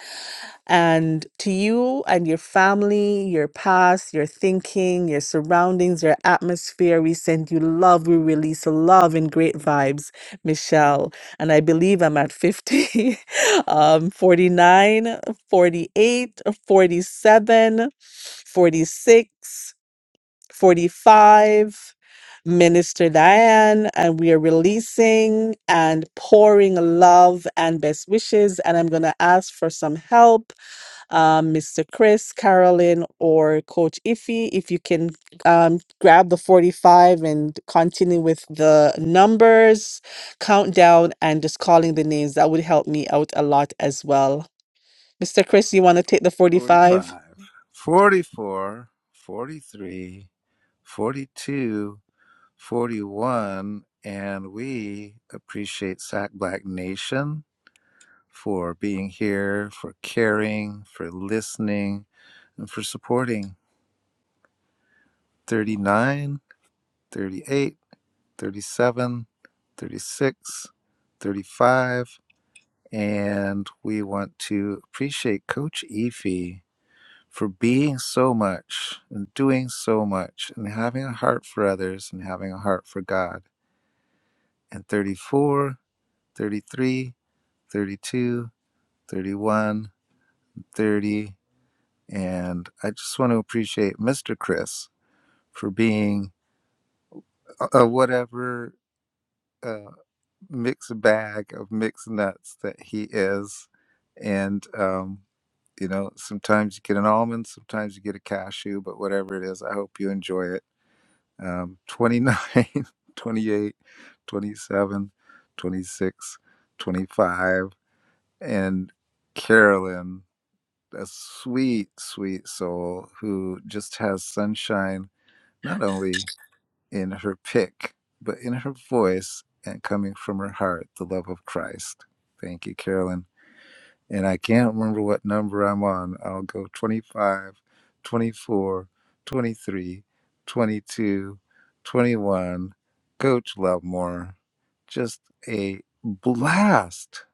And to you and your family, your past, your thinking, your surroundings, your atmosphere, we send you love. We release love and great vibes, Michelle. And I believe I'm at 50, um, 49, forty-eight, forty-seven, forty-six, forty-five. Minister Diane, and we are releasing and pouring love and best wishes. And I'm going to ask for some help um, Mr. Chris, Carolyn, or Coach Iffy. If you can um, grab the 45 and continue with the numbers, countdown, and just calling the names, that would help me out a lot as well. Mr. Chris, you want to take the Forty 45? five, 44, 43, 42, 41, and we appreciate Sac Black Nation for being here, for caring, for listening, and for supporting 39, 38, 37, 36, 35. And we want to appreciate Coach Efi for being so much and doing so much and having a heart for others and having a heart for God. And 34, 33, 32, 31, thirty. And I just want to appreciate Mr. Chris for being a a whatever uh, mixed bag of mixed nuts that he is. And um, You know, sometimes you get an almond, sometimes you get a cashew, but whatever it is, I hope you enjoy it. Um, 29, 28, 27, 26, 25, and Carolyn, a sweet, sweet soul who just has sunshine not only in her pick, but in her voice and coming from her heart, the love of Christ. Thank you, Carolyn and I can't remember what number I'm on. I'll go twenty-five, twenty-four, twenty-three, twenty-two, twenty-one. 24, 23, 22, Coach Lovemore, just a blast,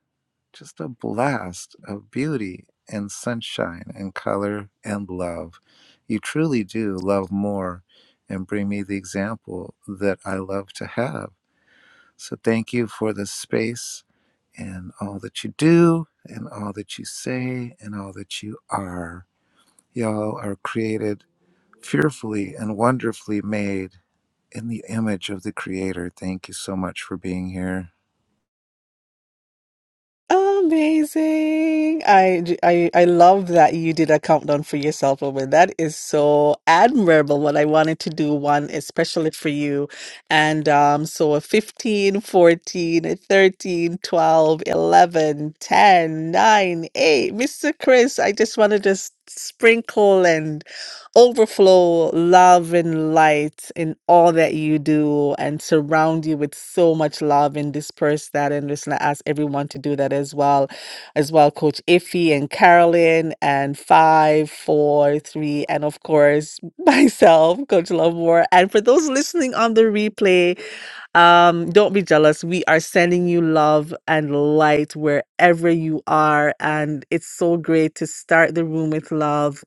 just a blast of beauty and sunshine and color and love. You truly do love more and bring me the example that I love to have. So thank you for the space and all that you do and all that you say and all that you are. Y'all are created fearfully and wonderfully made in the image of the Creator. Thank you so much for being here. Amazing. I, j- I, I love that you did a countdown for yourself, woman. That is so admirable. What I wanted to do one, especially for you. And um, so a 15, 14, a 13, twelve, eleven, ten, nine, 8. Mr. Chris, I just want to just sprinkle and overflow love and light in all that you do and surround you with so much love and disperse that and listen I ask everyone to do that as well as well coach iffy and carolyn and five four three and of course myself coach love more and for those listening on the replay um, don't be jealous. We are sending you love and light wherever you are. And it's so great to start the room with love,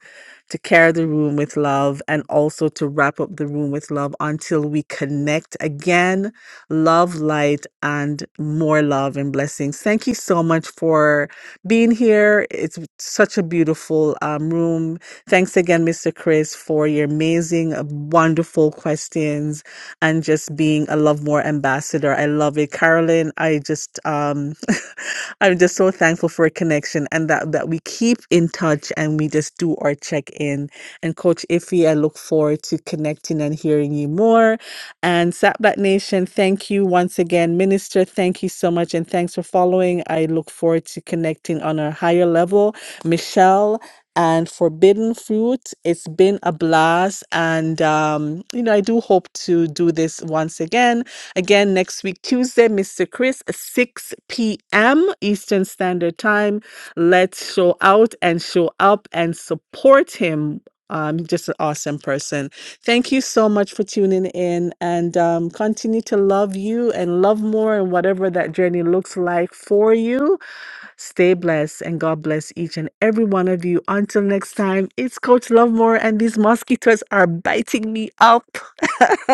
to carry the room with love, and also to wrap up the room with love until we connect again. Love, light, and more love and blessings. Thank you so much for being here. It's such a beautiful um, room. Thanks again, Mr. Chris, for your amazing, uh, wonderful questions and just being a Love More ambassador. I love it. Carolyn, I just um I'm just so thankful for a connection and that that we keep in touch and we just do our check-in. And Coach Iffy, I look forward to connecting and hearing you more. And Sapbat Nation, thank you once again. Minister, thank you so much and thanks for following. I look forward to connecting on a higher level. Michelle, and forbidden fruit. It's been a blast. And, um, you know, I do hope to do this once again. Again, next week, Tuesday, Mr. Chris, 6 p.m. Eastern Standard Time. Let's show out and show up and support him. Um, just an awesome person. Thank you so much for tuning in and um, continue to love you and love more and whatever that journey looks like for you Stay blessed and God bless each and every one of you. Until next time, it's Coach Lovemore, and these mosquitoes are biting me up.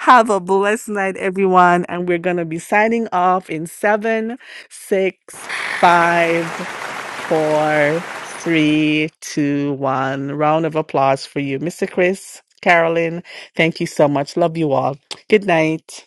Have a blessed night, everyone. And we're going to be signing off in seven, six, five, four, three, two, one. Round of applause for you, Mr. Chris, Carolyn. Thank you so much. Love you all. Good night.